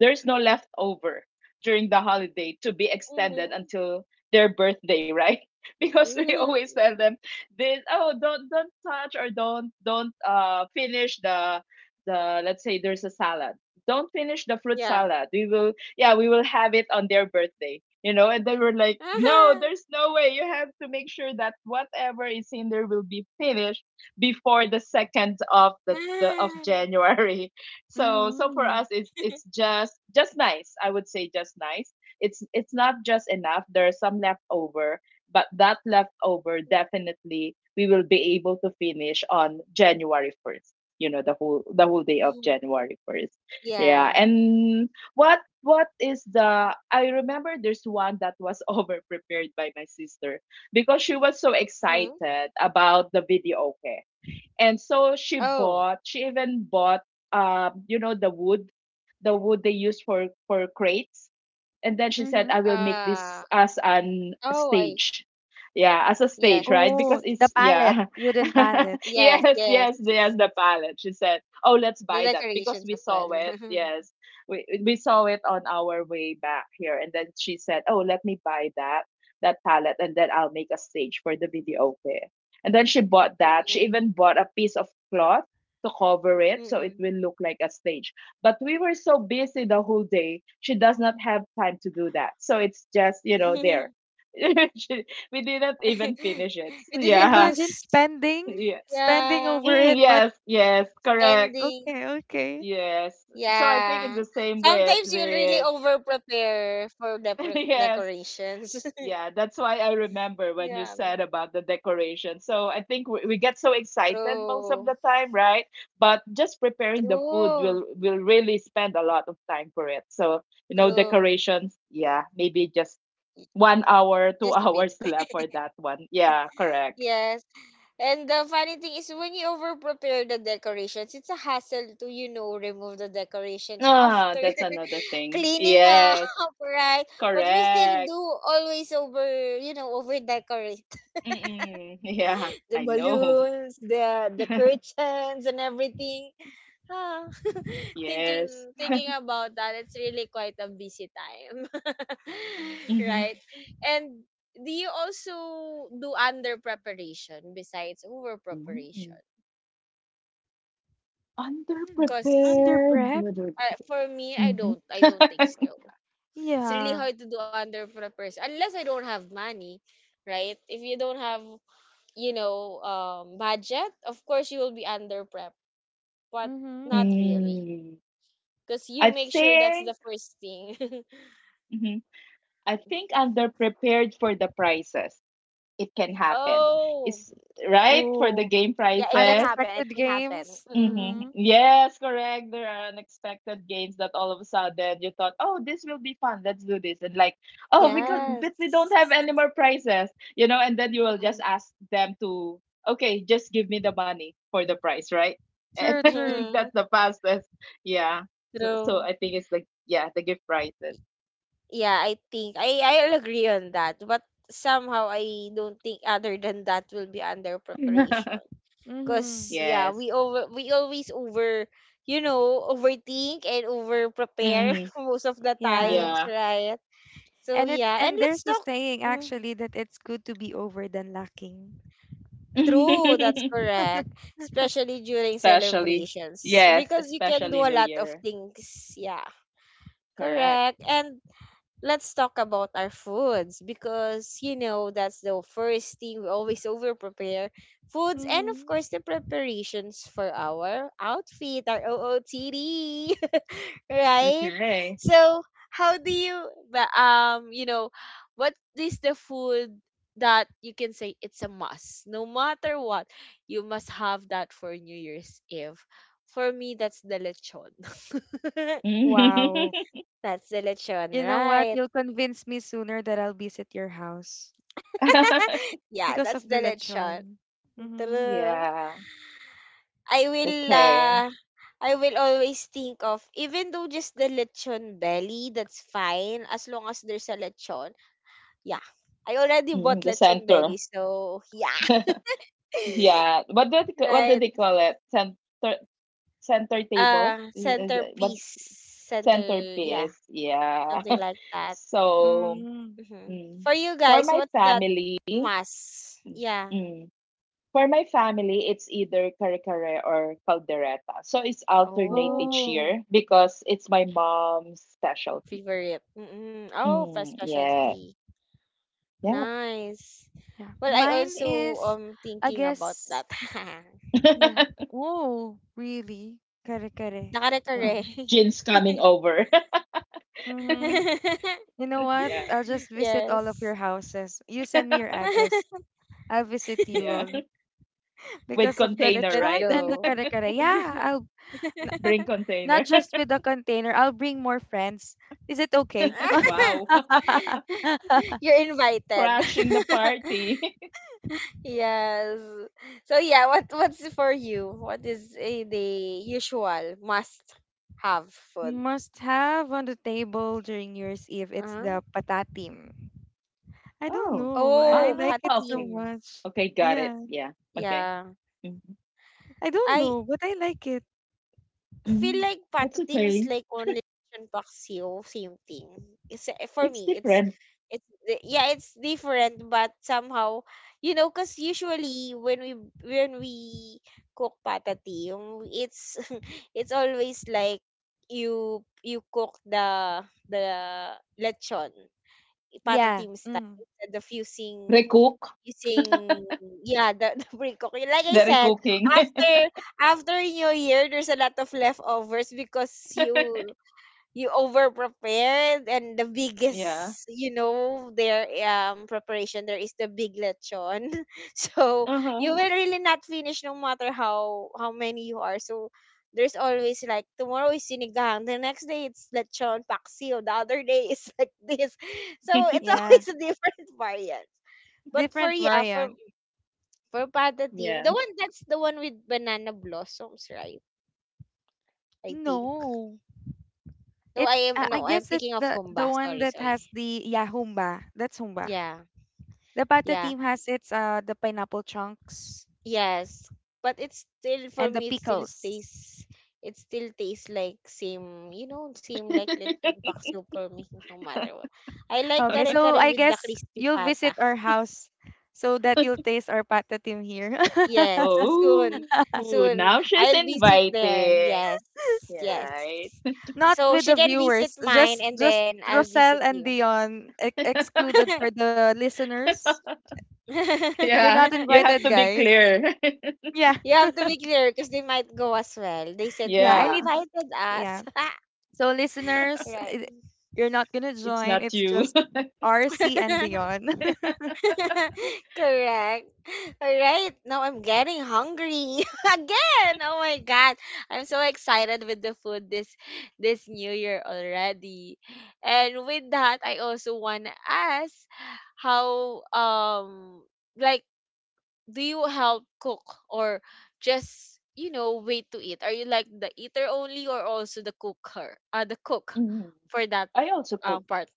there's no leftover during the holiday to be extended
Mhm.
until their birthday, right? Because we always
Mhm.
tell them this: "Oh, don't touch, or don't finish the let's say there's a salad. Don't finish the fruit
Yeah.
salad. We will, yeah, we will have it on their birthday." You know, and then we're like, no, there's no way. You have to make sure that whatever is in there will be finished before the second of
Ah,
the of
ah.
January. So so for
Mm-hmm.
us, it's just nice, I would say, just nice. It's not just enough, there's some leftover, but that leftover definitely we will be able to finish on January 1st, you know, the whole day of
Mhm.
January 1st.
Yeah.
Yeah. And what is the I remember there's one that was over prepared by my sister, because she was so
Mhm.
excited about the video, okay? And so
Oh,
she even bought, you know, the wood they use for crates, and then she said,
Mm-hmm.
"I will make
uh,
this as an
oh, I,
stage." Yeah, as a
yes,
stage, right?
Oh,
Because
the
it's,
pallet
yeah.
wooden pallet
yes,
yes,
yes.
yes, yes, the palette. She said, "Oh, let's
The
buy that because
decorations
we
as
saw
well.
it." Yes, we saw it on our way back here, and then she said, "Oh, let me buy that that palette, and then I'll make a stage for the video clip." And then she bought that. She
Mm-mm.
even bought a piece of cloth to cover it so it
Mm-mm.
will look like a stage. But we were so busy the whole day, she does not have time to do that. So it's just, you know, there. She- we didn't even finish it.
We
So,
didn't
yeah.
Imagine
use,
spending
Yeah.
spending
yeah,
over
Mm,
it, but
yes, yes, correct.
spending.
okay, okay.
Yes. So I think it's
Yeah.
the same with
Sometimes you really
with.
over prepare for the
Yes.
decorations.
Yeah, that's why I remember when you
Yeah.
said about the decoration. So I think we get so excited most of
True.
the time, right? But just preparing the food
True.
will really spend a lot of time for it. So, you know,
True.
decorations, yeah, maybe just 1 hour, 2
Just a bit.
hours left for that one. Yeah, correct.
Yes. And the funny thing is when you over prepare the decorations, it's a hassle to, you know, remove the decorations
Ah,
after
that's another thing.
cleaning up,
Yes,
right? But we still do
correct.
always over, you know, over decorate
Mm-mm. Yeah,
the
I know.
balloons, the curtains and everything. Ah.
Yes.
thinking Thinking about that, it's really quite a busy time.
Mm-hmm.
Right? And do you also do under preparation besides over
Mm-hmm.
preparation?
Hmm.
Because
Under
Underprepared.
prep?
Underprepared.
for me, I
Hmm.
don't. I don't think so. It's really
Yeah.
hard to do under preparation unless I don't have money, right? If you don't have, budget, of course you will be under prep, but
Mm-hmm.
not really,
Mm,
because you
I
make sure that's the
think.
first thing.
Mhm. I think underprepared for the prices. It can happen.
Oh,
It's right for the
Oh,
game
yeah, it can
prices.
happen. It
unexpected
can happen.
games.
Mm-hmm.
Mm-mm.
Mm-hmm.
Yes, correct. There are unexpected games that all of a sudden you thought, oh, this will be fun, let's do this. And like, oh, because
Yes.
Mm-hmm.
but we don't have any more prizes, you know, and then you will just
Mm-mm.
ask them to, okay, just give me the money for the prize, right? And
True,
I think
true.
Mm-mm.
that's the fastest. Yeah. So
True.
I think it's like, yeah, the gift prizes.
Yeah, I think I'll agree on that. But somehow I don't think other than that will be under preparation. Cause
Mm-hmm.
yeah,
Yes.
we always over, you know, overthink and over prepare
Mm,
most of the
Yeah.
times,
yeah.
right? So
And it
yeah, and
and
let's
there's a
talk.
saying
Mm,
actually that it's good to be over than lacking.
true, that's correct. Especially during
Especially.
celebrations
Yes,
because you can do
especially
a
New
lot of
Year.
things. Yeah,
Correct.
correct. And let's talk about our foods because you know that's the first thing we always over prepare foods, and of
Mm-hmm.
course the preparations for our outfit, our OOTD. Right,
Okay.
so how do you you know, what is the food that you can say it's a must? No matter what, you must have that for New Year's Eve. For me, that's the lechon.
Wow.
Mhm.
That's the lechon,
You know what?
right?
You'll convince me sooner that I'll visit your house
Yeah,
because
that's
of
the
the
lechon.
lechon. Mm-hmm.
True.
Yeah.
I will
Okay.
uh I will always think of, even though just the lechon belly, that's fine as long as there's a lechon. Yeah. I already bought
Mm, the
lechon
center.
belly, so yeah.
Yeah. What do they, what do
Right.
they call it? Center center table?
Uh,
Is it, what,
centerpiece. Center, yeah,
centerpiece? Yeah.
something like that.
So,
Mm-hmm.
Hmm.
mm,
For you
for
guys,
my
what's that
family,
mass? Yeah.
mm, for my family, it's either kare kare or caldereta. So it's alternate each
Oh,
Oh,
year because it's my mom's specialty.
favorite. Mm-mm. Oh, for
Mm, yes.
specialty.
Yeah.
Nice.
yeah.
Well, I
Mine
also
is, I
thinking about
guess,
that.
yeah. Oh, really? Kare kare.
Nakare-kare.
Wow.
Gins coming over.
Mm-hmm. You know what?
Yeah,
I'll just visit all of
Yes.
your houses. You send me your address. I'll visit you
yeah.
all
With
because of the
container,
Let's
lechon
right?
and the
go.
kare kare. Yeah, I'll n-
Bring
not
container.
just with the container. I'll bring more friends. Is it okay?
Wow.
You're invited.
Crashing the party.
Yes. So yeah, what what's for you? What is eh, the usual must have food?
Must have on the table during New Year's Eve. It's
Uh-huh.
the patatim. I don't
Oh.
know. I
Ah,
Oh,
like it
okay.
so
patim.
much.
Okay, got it.
Yeah,
Yeah. Okay.
Yeah.
Mhm.
I don't
I
know, but I like it.
feel
Mhm.
like
That's
patatim is
okay.
like only lechon paksiw, same thing. It's, for
It's
me, it's
different.
yeah, it's different, but somehow, you know, cause usually when we cook patatim, it's it's always like you cook the lechon
Yeah.
patatim style
Mm,
instead of
Recook.
using, yeah, the, the pre-cook, like I
The
said.
recooking.
After, after new year, there's a lot of leftovers because you over prepared, and the
Yeah.
biggest, you know, their preparation there is the big lechon. So
Uh-huh.
you will really not finish no matter how many you are. So there's always, like, tomorrow is sinigang, the next day it's lechon paksiw, the other day is like this. So it's
yeah.
always a different variant. But for
Different
yeah,
variant.
for Pata Team, the
Yeah.
one, that's the one with banana blossoms, right? I think.
No.
No, I
It's
am
I
no, I'm
guess it's
thinking of
the
Humba.
one
Sorry,
that has
sorry.
the, yeah, humba. That's humba.
Yeah,
The pata
yeah,
team has its the pineapple chunks
yes. But it's still, for
and the
me, it still
pickles.
stays. It still tastes like same. You know, same like lechon pak soup for me. No matter what. I like
Okay,
kare
so
kare
I
with the
guess
crispy
you'll
pata.
visit our house so that you'll taste our pata team here.
Yes, soon,
Oh,
soon.
now she's
I'll visit there.
inviting.
Yes,
Yeah,
yes.
right.
Not
So
with
she
the
can visit
viewers,
mine,
just
and
just
then I'll
Rosel
visit
and
you.
Dion excluded for the listeners. You're
Yeah,
not
you have
invited,
to be
guys.
clear.
Yeah.
You have to be clear because they might go as well. They said
Yeah,
you
I
Yeah.
need,
invited
yeah.
us.
So, listeners,
Right.
you're not gonna
It's
join.
not
It's
you.
just RC and Dion.
Correct. All right. Now I'm getting hungry again. Oh my god. I'm so excited with the food this new year already. And with that, I also want to ask how like, do you help cook or just, you know, wait to eat? Are you like the eater only or also the cooker? The cook
Hmm.
for that
I also cook.
part.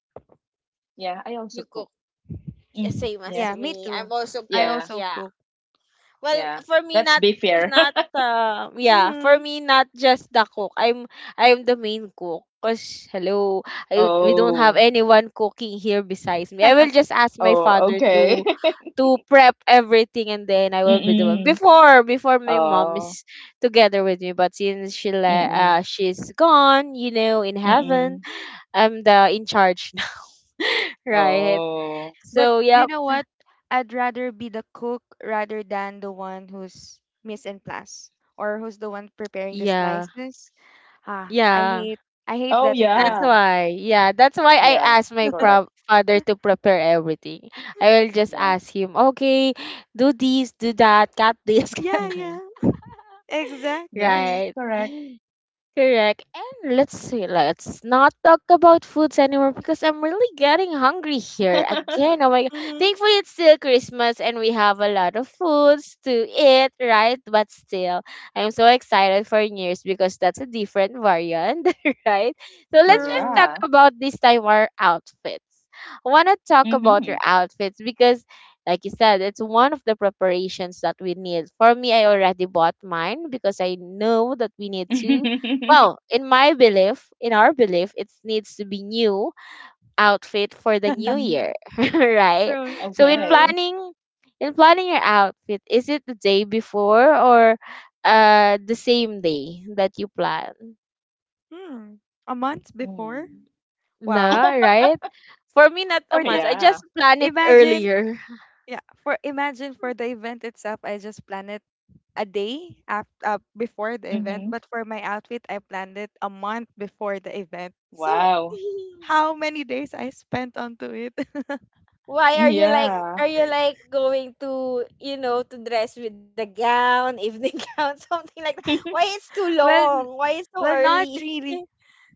Yeah, I also
You
cook.
cook. Yeah,
Hmm.
same as
Yeah,
Yes.
me
me. I'm
too.
also
I
cook.
Yeah,
also
Yeah,
cook.
well,
yeah.
for me
Let's
not
be fair.
yeah, for
Hmm.
me not just the cook. I'm the main cook. Cause hello, I, we don't have
Oh.
anyone cooking here besides me. I will just ask my
Oh,
father
okay.
to prep everything, and then I will be the one.
Mm-mm.
Before my mom
Oh.
is together with me, but since
Mm-mm.
she's gone, you know, in heaven,
Mm-mm.
I'm the in charge now, right?
Oh.
But
So
you
yeah,
know what? I'd rather be the cook rather than the one who's miss in class or who's the one preparing the
yeah,
slices. Ah, I
yeah.
hate I hate
Oh
that
That's
task.
yeah.
why, yeah, that's why I
Yes,
asked my
correct.
father to prepare everything. I will just
Yeah.
ask him, okay, do this, do that, cut this, cut.
Yeah,
Mm-hmm.
yeah, exactly.
Yes,
Right.
correct.
Correct. And let's see, let's not talk about foods anymore because I'm really getting hungry here again. Oh my god.
Mm-hmm.
Thankfully it's still Christmas and we have a lot of foods to eat, right? But still, I'm so excited for New Year's because that's a different variant, right? So let's just
True,
talk
Yeah.
about this time our outfits. I wanna talk about your
Mm-hmm.
outfits because, like you said, it's one of the preparations that we need. For me, I already bought mine because I know that we need to, well, in my belief, in our belief, it needs to be new outfit for the new
Hmm.
year, right?
true,
So in
Okay.
true.
planning, in planning your outfit, is it the day before or the same day that you plan?
Hmm. A month
Mm.
before?
No,
Wow.
right? For me, not a
For the
month. I
Yeah.
just plan it
imagine,
earlier.
yeah, for imagine, for the event itself, I just planned it a day after, before the event,
Mm-hmm.
but for my outfit, I planned it a month before the event. So
Wow.
how many days I spent onto it?
Why are
Mm,
you like,
yeah.
are you like going to, you know, to dress with a gown, evening gown, something like that? Why it's too
Well,
long? Why it's so
not
early?
really.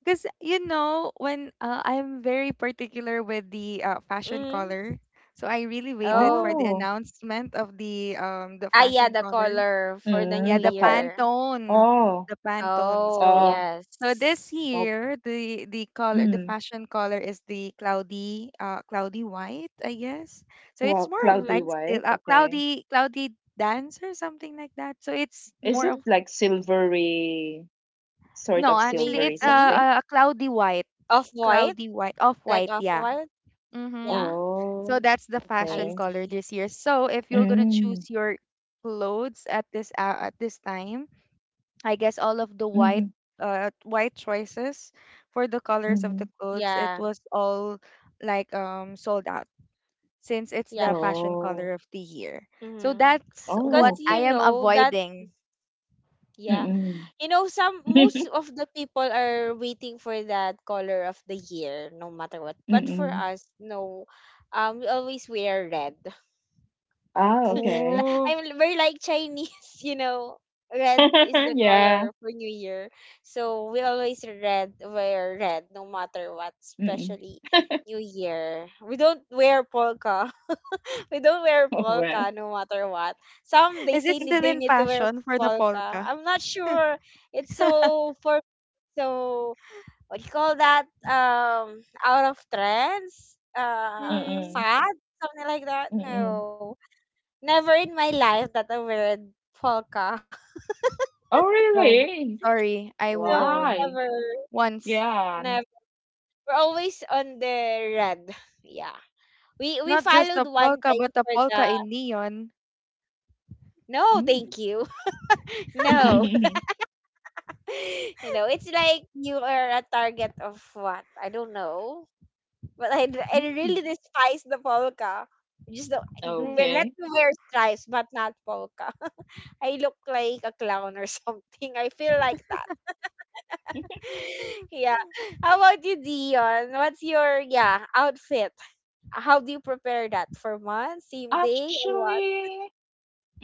Because, you know, when I'm very particular with the fashion
Mm.
color, so I really waited for
Oh.
the
Oh.
announcement of the
Ah, yeah,
fashion
the
color.
color for the new
Yeah,
Mm, the
the
color.
year.
Pantone,
Oh.
the Pantone.
Oh,
So,
Oh.
this
yes.
Oh.
year the color, the
Mm.
fashion color is the cloudy white, I guess. So it's
Well,
more of,
cloudy
like,
Mm-hmm.
white.
still
Okay.
cloudy, cloudy dance or something like that. So it's
Is
more
it
of,
Mm-hmm.
like silvery, sort
no,
of
actually
silvery
it's a
Maybe
something?
a, a cloudy white,
off-white,
cloudy white,
like
off white,
off-white.
yeah.
Yeah,
Mm-hmm. So
Oh.
that's the
I
fashion
Okay.
see.
color this year. So if you're gonna
Mm.
choose your clothes at this time, I guess all of the white
Mm-hmm.
white choices for the colors of
Mm-hmm.
the clothes,
Yeah,
it was all like sold out since it's
yeah.
the fashion color
Oh.
of the year. So
Mm-hmm.
that's
Because
what
Oh,
you
okay.
I am
know that,
avoiding.
yeah.
Mm-mm.
You know, some most of the people are waiting for that color of the year, no matter what. But for
Mm-mm.
us, no. We always wear red.
Ah, okay.
Oh,
We're like Chinese, you know. Red is the
Yeah.
color for New Year. So we always red wear red no matter what,
Mm-mm.
especially New Year. We don't wear polka. We don't wear
Oh, well.
polka no matter what. Some
is
they
it
say
still
they
in
need to wear
passion for the
polka.
polka?
I'm not sure. It's so for so what do you call that? Um, out of trends? Uh,
Hmm.
Mm-mm.
fad? Something like that?
Mm-mm.
No. Never in my life that I wear polka.
Oh,
Oh,
really?
sorry, I wore
No,
one
Why?
never,
once.
Yeah.
never. We're always on the red. Yeah. We
Not just a
followed one
polka,
time
but a
for the,
polka in neon.
no,
Mm.
thank you. No. You know, it's like you are a target of what? I don't know. But I
Mm.
really despise the polka. Just don't,
Mm.
let
Okay.
me wear stripes, but not polka. I look like a clown or something. I feel like that. Yeah. How about you, Dion? What's your yeah outfit? How do you prepare that for month, same day, or what?
Actually,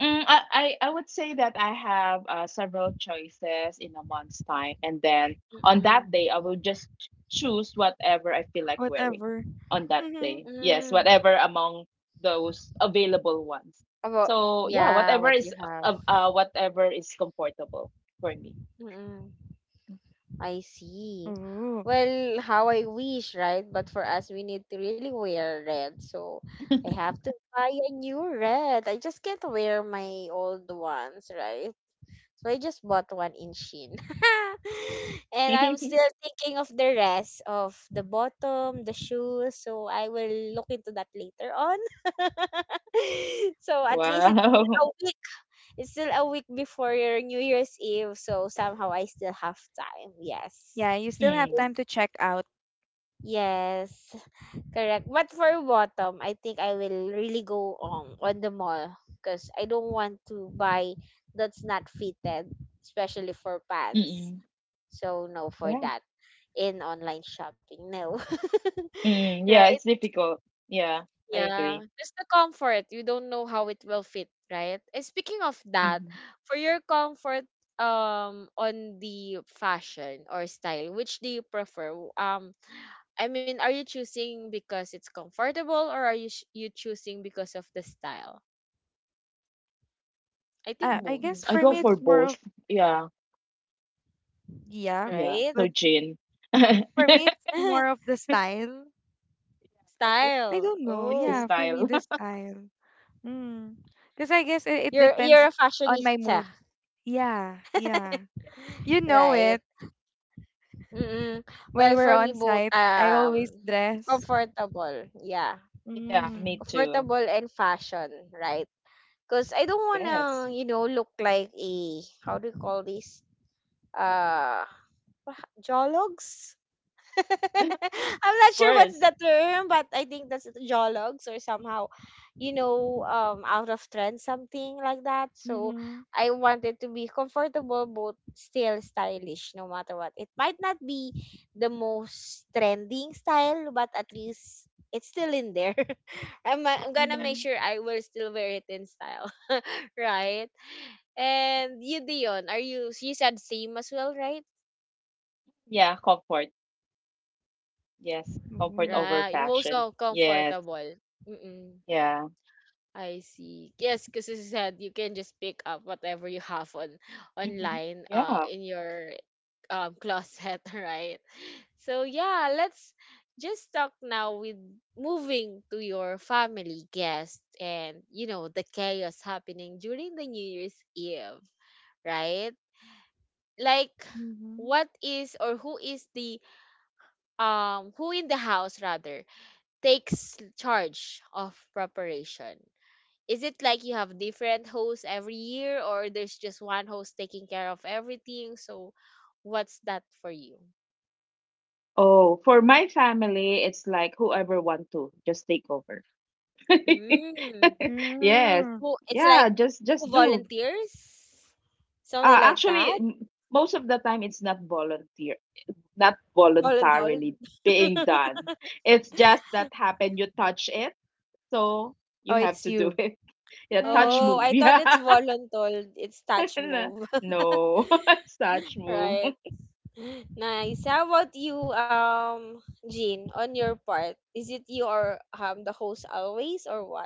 I would say that I have several choices in a month's time, and then on
Mm-mm.
that day I will just choose whatever I feel like wearing
Whatever.
on that
Mm-hmm.
day. Yes,
Mm.
whatever among those available ones.
About
So yeah,
yeah, what you have.
whatever is comfortable for me.
Mm-mm. I see.
Ooh.
Well, how I wish, right? But for us, we need to really wear red. So I have to buy a new red. I just can't wear my old ones, right? So I just bought one in Shein. And I'm still thinking of the rest of the bottom, the shoes. So I will look into that later on. So at least it's still
Wow.
a week. It's still a week before your New Year's Eve. So somehow I still have time. Yes.
Yeah, you still have
Mm.
time to check out.
Yes, correct. But for bottom, I think I will really go on the mall because I don't want to buy that's not fitted, especially for pants.
Mm-mm.
So no for
Yeah.
that in online shopping. No.
Mm, yeah,
Right?
it's difficult. Yeah, I agree.
Yeah, just the comfort. You don't know how it will fit, right? And speaking of that,
Hmm.
for your comfort on the fashion or style, which do you prefer? Um, I mean, are you choosing because it's comfortable or are you choosing because of the style? I think
I
both.
Mm,
guess
I
for
go
me
for
it's more
both.
of,
Yeah,
yeah,
yeah.
Right?
but
So, Gin.
for me it's more of the style.
Oh,
I don't
Style.
know.
it's
Yeah,
his
Oh.
for me
style.
the style. Mm. Because I guess it
You're
depends
a
on my
fashionista,
mood. Yeah, yeah.
Yeah,
You know it.
right? Mm-mm. Well,
When
for
we're
me
on
both,
site, I always
um,
dress.
comfortable. Yeah.
yeah, me
Mm.
too.
Comfortable and fashion, right? Cuz I don't want to,
Yes,
you know, look like a, how do you call this? Uh, jologs? I'm
of
not sure what's
course.
the term, but I think that's jologs or somehow, you know, out of trend, something like that. So
Mm-hmm.
I wanted to be comfortable, but still stylish, no matter what. It might not be the most trending style, but at least it's still in there. I'm gonna
Yeah,
make
Mm-hmm.
sure I will still wear it in style, right? And you, Dion, are you? You said same as well, right?
yeah. Comfort. Yes, comfort
Ooh.
over
Right, most so
fashion. Yes,
comfortable. Mm-mm.
yeah.
I see. Yes, because as you said, you can just pick up whatever you have on
Hmm.
online,
Yeah.
in your closet, right? So yeah, let's just talk now with moving to your family guest, and you know the chaos happening during the New Year's Eve, right? Like,
Mm-hmm.
what is or who is the um, who in the house rather takes charge of preparation? Is it like you have different hosts every year, or there's just one host taking care of everything? So, what's that for you?
Oh, for my family, it's like whoever want to just take over.
Mm.
Yes.
Mm.
Who it's
Yeah,
like who
just do.
volunteers? Something like
Actually,
that?
most of the time it's not volunteer, not
Voluntold?
voluntarily being done. It's just that happen you touch it, so
Oh,
you have
it's
to do
you.
it. Yeah, touch
Oh,
move.
Mm-hmm.
I thought it's
Yeah.
voluntold. It's touch move.
No, it's touch move.
Right. Nice. How about you, Jean, on your part? Is it you or the host always or what?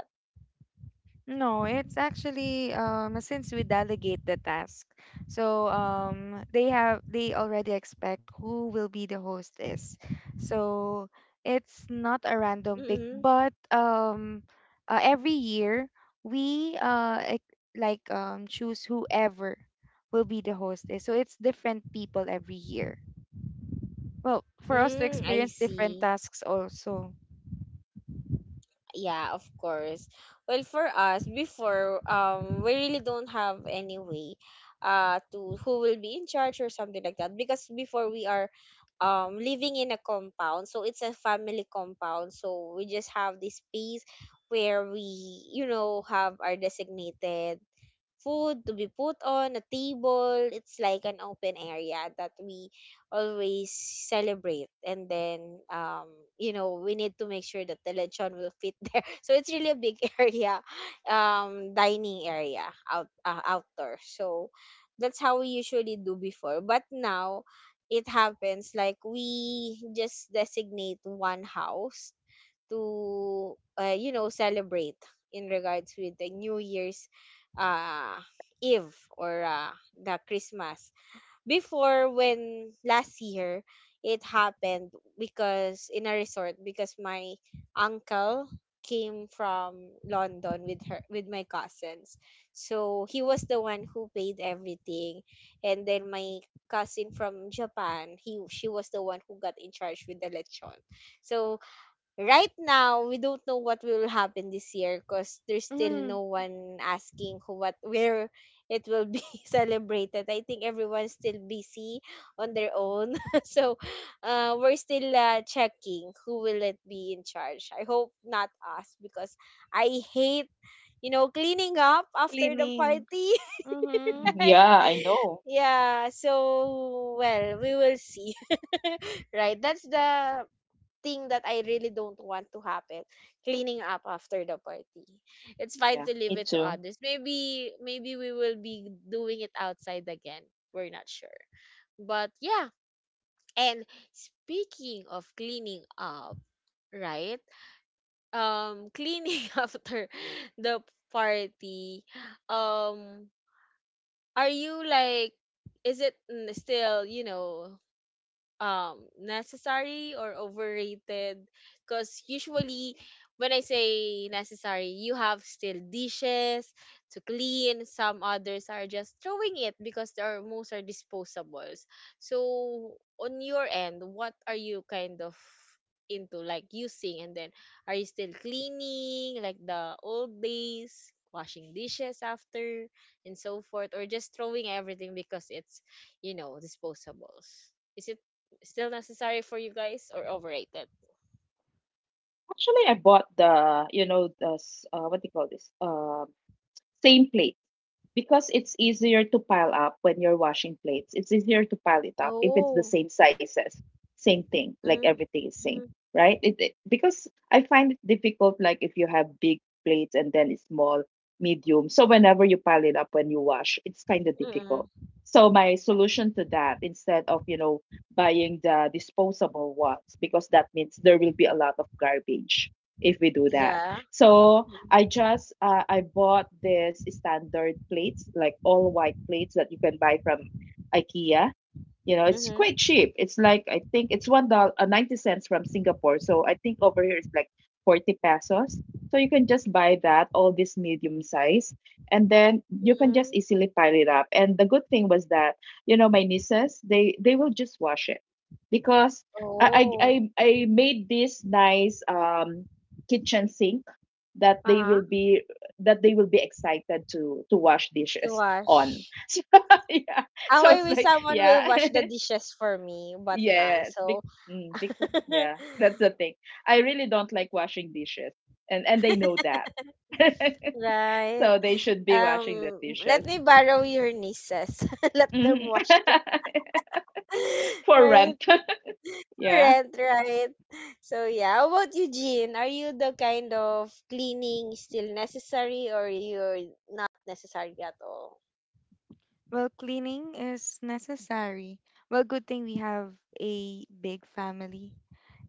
No, it's actually since we delegate the task. So they have they already expect who will be the host is. So it's not a
Mm-hmm.
random pick, but every year we choose whoever will be the host is. So it's different people every year. Well, for us
Mm,
to
I
experience
see.
different tasks also.
Yeah, of course. Well, for us before, we really don't have any way, to who will be in charge or something like that because before we are, living in a compound, so it's a family compound, so we just have this space where we have our designated food to be put on a table. It's like an open area that we always celebrate. And then we need to make sure that the lechon will fit there. So it's really a big area, dining area outdoor. So that's how we usually do before. But now it happens like we just designate one house to celebrate in regards with the new year's uh eve or the Christmas before. When last year it happened, because in a resort, because my uncle came from London with her with my cousins, so he was the one who paid everything. And then my cousin from Japan, he she was the one who got in charge with the lechon. So right now we don't know what will happen this year because there's still
Mm,
no one asking who, what, where. It will be celebrated. I think everyone's still busy on their own. So we're still checking who will it be in charge. I hope not us because I hate, you know, cleaning up after the
cleaning.
party.
Mm-hmm.
Right,
Yeah, I know.
yeah, so well, we will see. Right, that's the thing that I really don't want to happen, cleaning up after the party. It's fine to
Yeah,
leave
me
it to
too.
others. Maybe we will be doing it outside again. We're not sure. But yeah, and speaking of cleaning up, right? Cleaning after the party. Um, are you like, is it still, you know, um, necessary or overrated? Because usually when I say necessary, you have still dishes to clean. Some others are just throwing it because there are, most are disposables. So on your end, what are you kind of into, like using? And then are you still cleaning like the old days, washing dishes after and so forth, or just throwing everything because it's, you know, disposables? Is it still necessary for you guys or overrated?
Actually, I bought the, you know, the what do you call this? Same plate. Because it's easier to pile up when you're washing plates. It's easier to pile it up if it's the
Oh.
same sizes, same thing, like
Mm.
everything is same,
Mm.
right? It, because I find it difficult, like if you have big plates, and then it's small, medium. So whenever you pile it up when you wash, it's kind of
Mm.
difficult. So my solution to that, instead of, you know, buying the disposable ones, because that means there will be a lot of garbage if we do that.
Yeah.
So I just, I bought this standard plates, like all white plates that you can buy from IKEA, you know, it's quite
Mm-hmm.
cheap. It's like, I think it's $1 90 cents from Singapore. So I think over here it's like 40 pesos. So you can just buy that, all this medium size, and then you can just
Mm-hmm.
easily pile it up. And the good thing was that, you know, my nieces, they will just wash it, because
Oh,
I made this nice kitchen sink that they
uh-huh.
will be that they will be excited to wash
To
dishes on.
wash.
So, yeah.
How
So
I
it's
wish
like,
someone will
yeah,
wash the dishes for me, but none.
yeah, big,
So,
big, yeah. That's the thing. I really don't like washing dishes, and they know that.
right.
So they should be washing the
Um,
dishes.
let me borrow your nieces. Let them
Mhm.
wash it.
For
Right.
rent. Yeah.
Different, right? So yeah, how about you, Jean? Are you the kind of cleaning still necessary or you're not necessary at all?
Well, cleaning is necessary. Well, good thing we have a big family.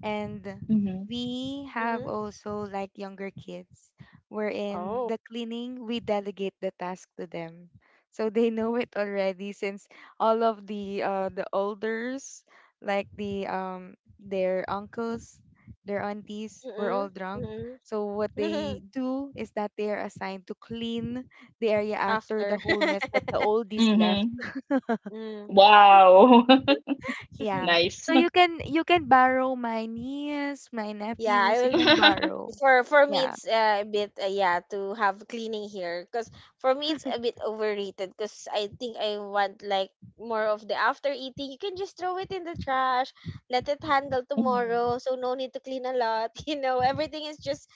And
Mm-hmm.
we have
Mm-hmm.
also like younger kids wherein
Oh.
the cleaning we delegate the task to them. So they know it already since all of the the elders, like their uncles, their aunties, were
Mm-hmm.
all drunk. So what
Mm-hmm.
they do is that they are assigned to clean the area after
After.
the whole mess that the oldies left.
Mm-hmm.
Mm.
Wow.
Yeah.
Nice.
So you can, borrow my niece, my
Yeah, I
nephews, you
will.
can borrow.
For me
Yeah.
it's a bit yeah, to have cleaning here. Because for me it's a bit overrated, because I think I want like more of the, after eating you can just throw it in the trash, let it handle
Mhm.
tomorrow, so no need to clean a lot. You know, everything is just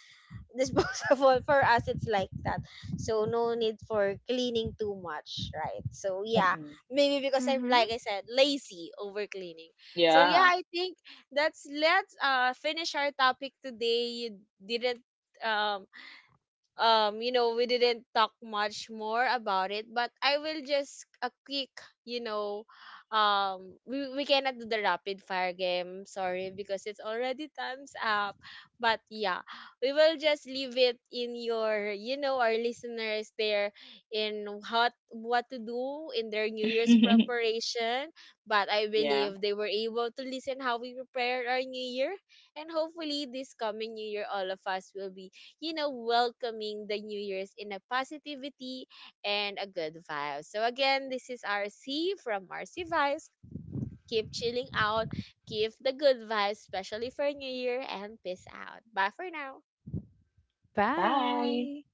disposable. For us it's like that, so no need for cleaning too much, right? So yeah,
Mm-mm.
maybe because I'm, like
Mhm.
I said, lazy over cleaning. So yeah,
Yeah.
I think that's, let's finish our topic today. You didn't um um, you know, we didn't talk much more about it, but I will just a quick, you know, we cannot do the rapid fire game, sorry, because it's already time's up. But yeah, we will just leave it in your, you know, our listeners there, in what to do in their new year's preparation. But I
Yeah.
believe they were able to listen how we prepared our new year. And hopefully this coming new year all of us will be, you know, welcoming the New Year's in a positivity and a good vibe. So again, this is RC from RC Vibes. Keep chilling out, keep the good vibes, especially for New Year, and peace out. Bye for now.
Bye.
Bye.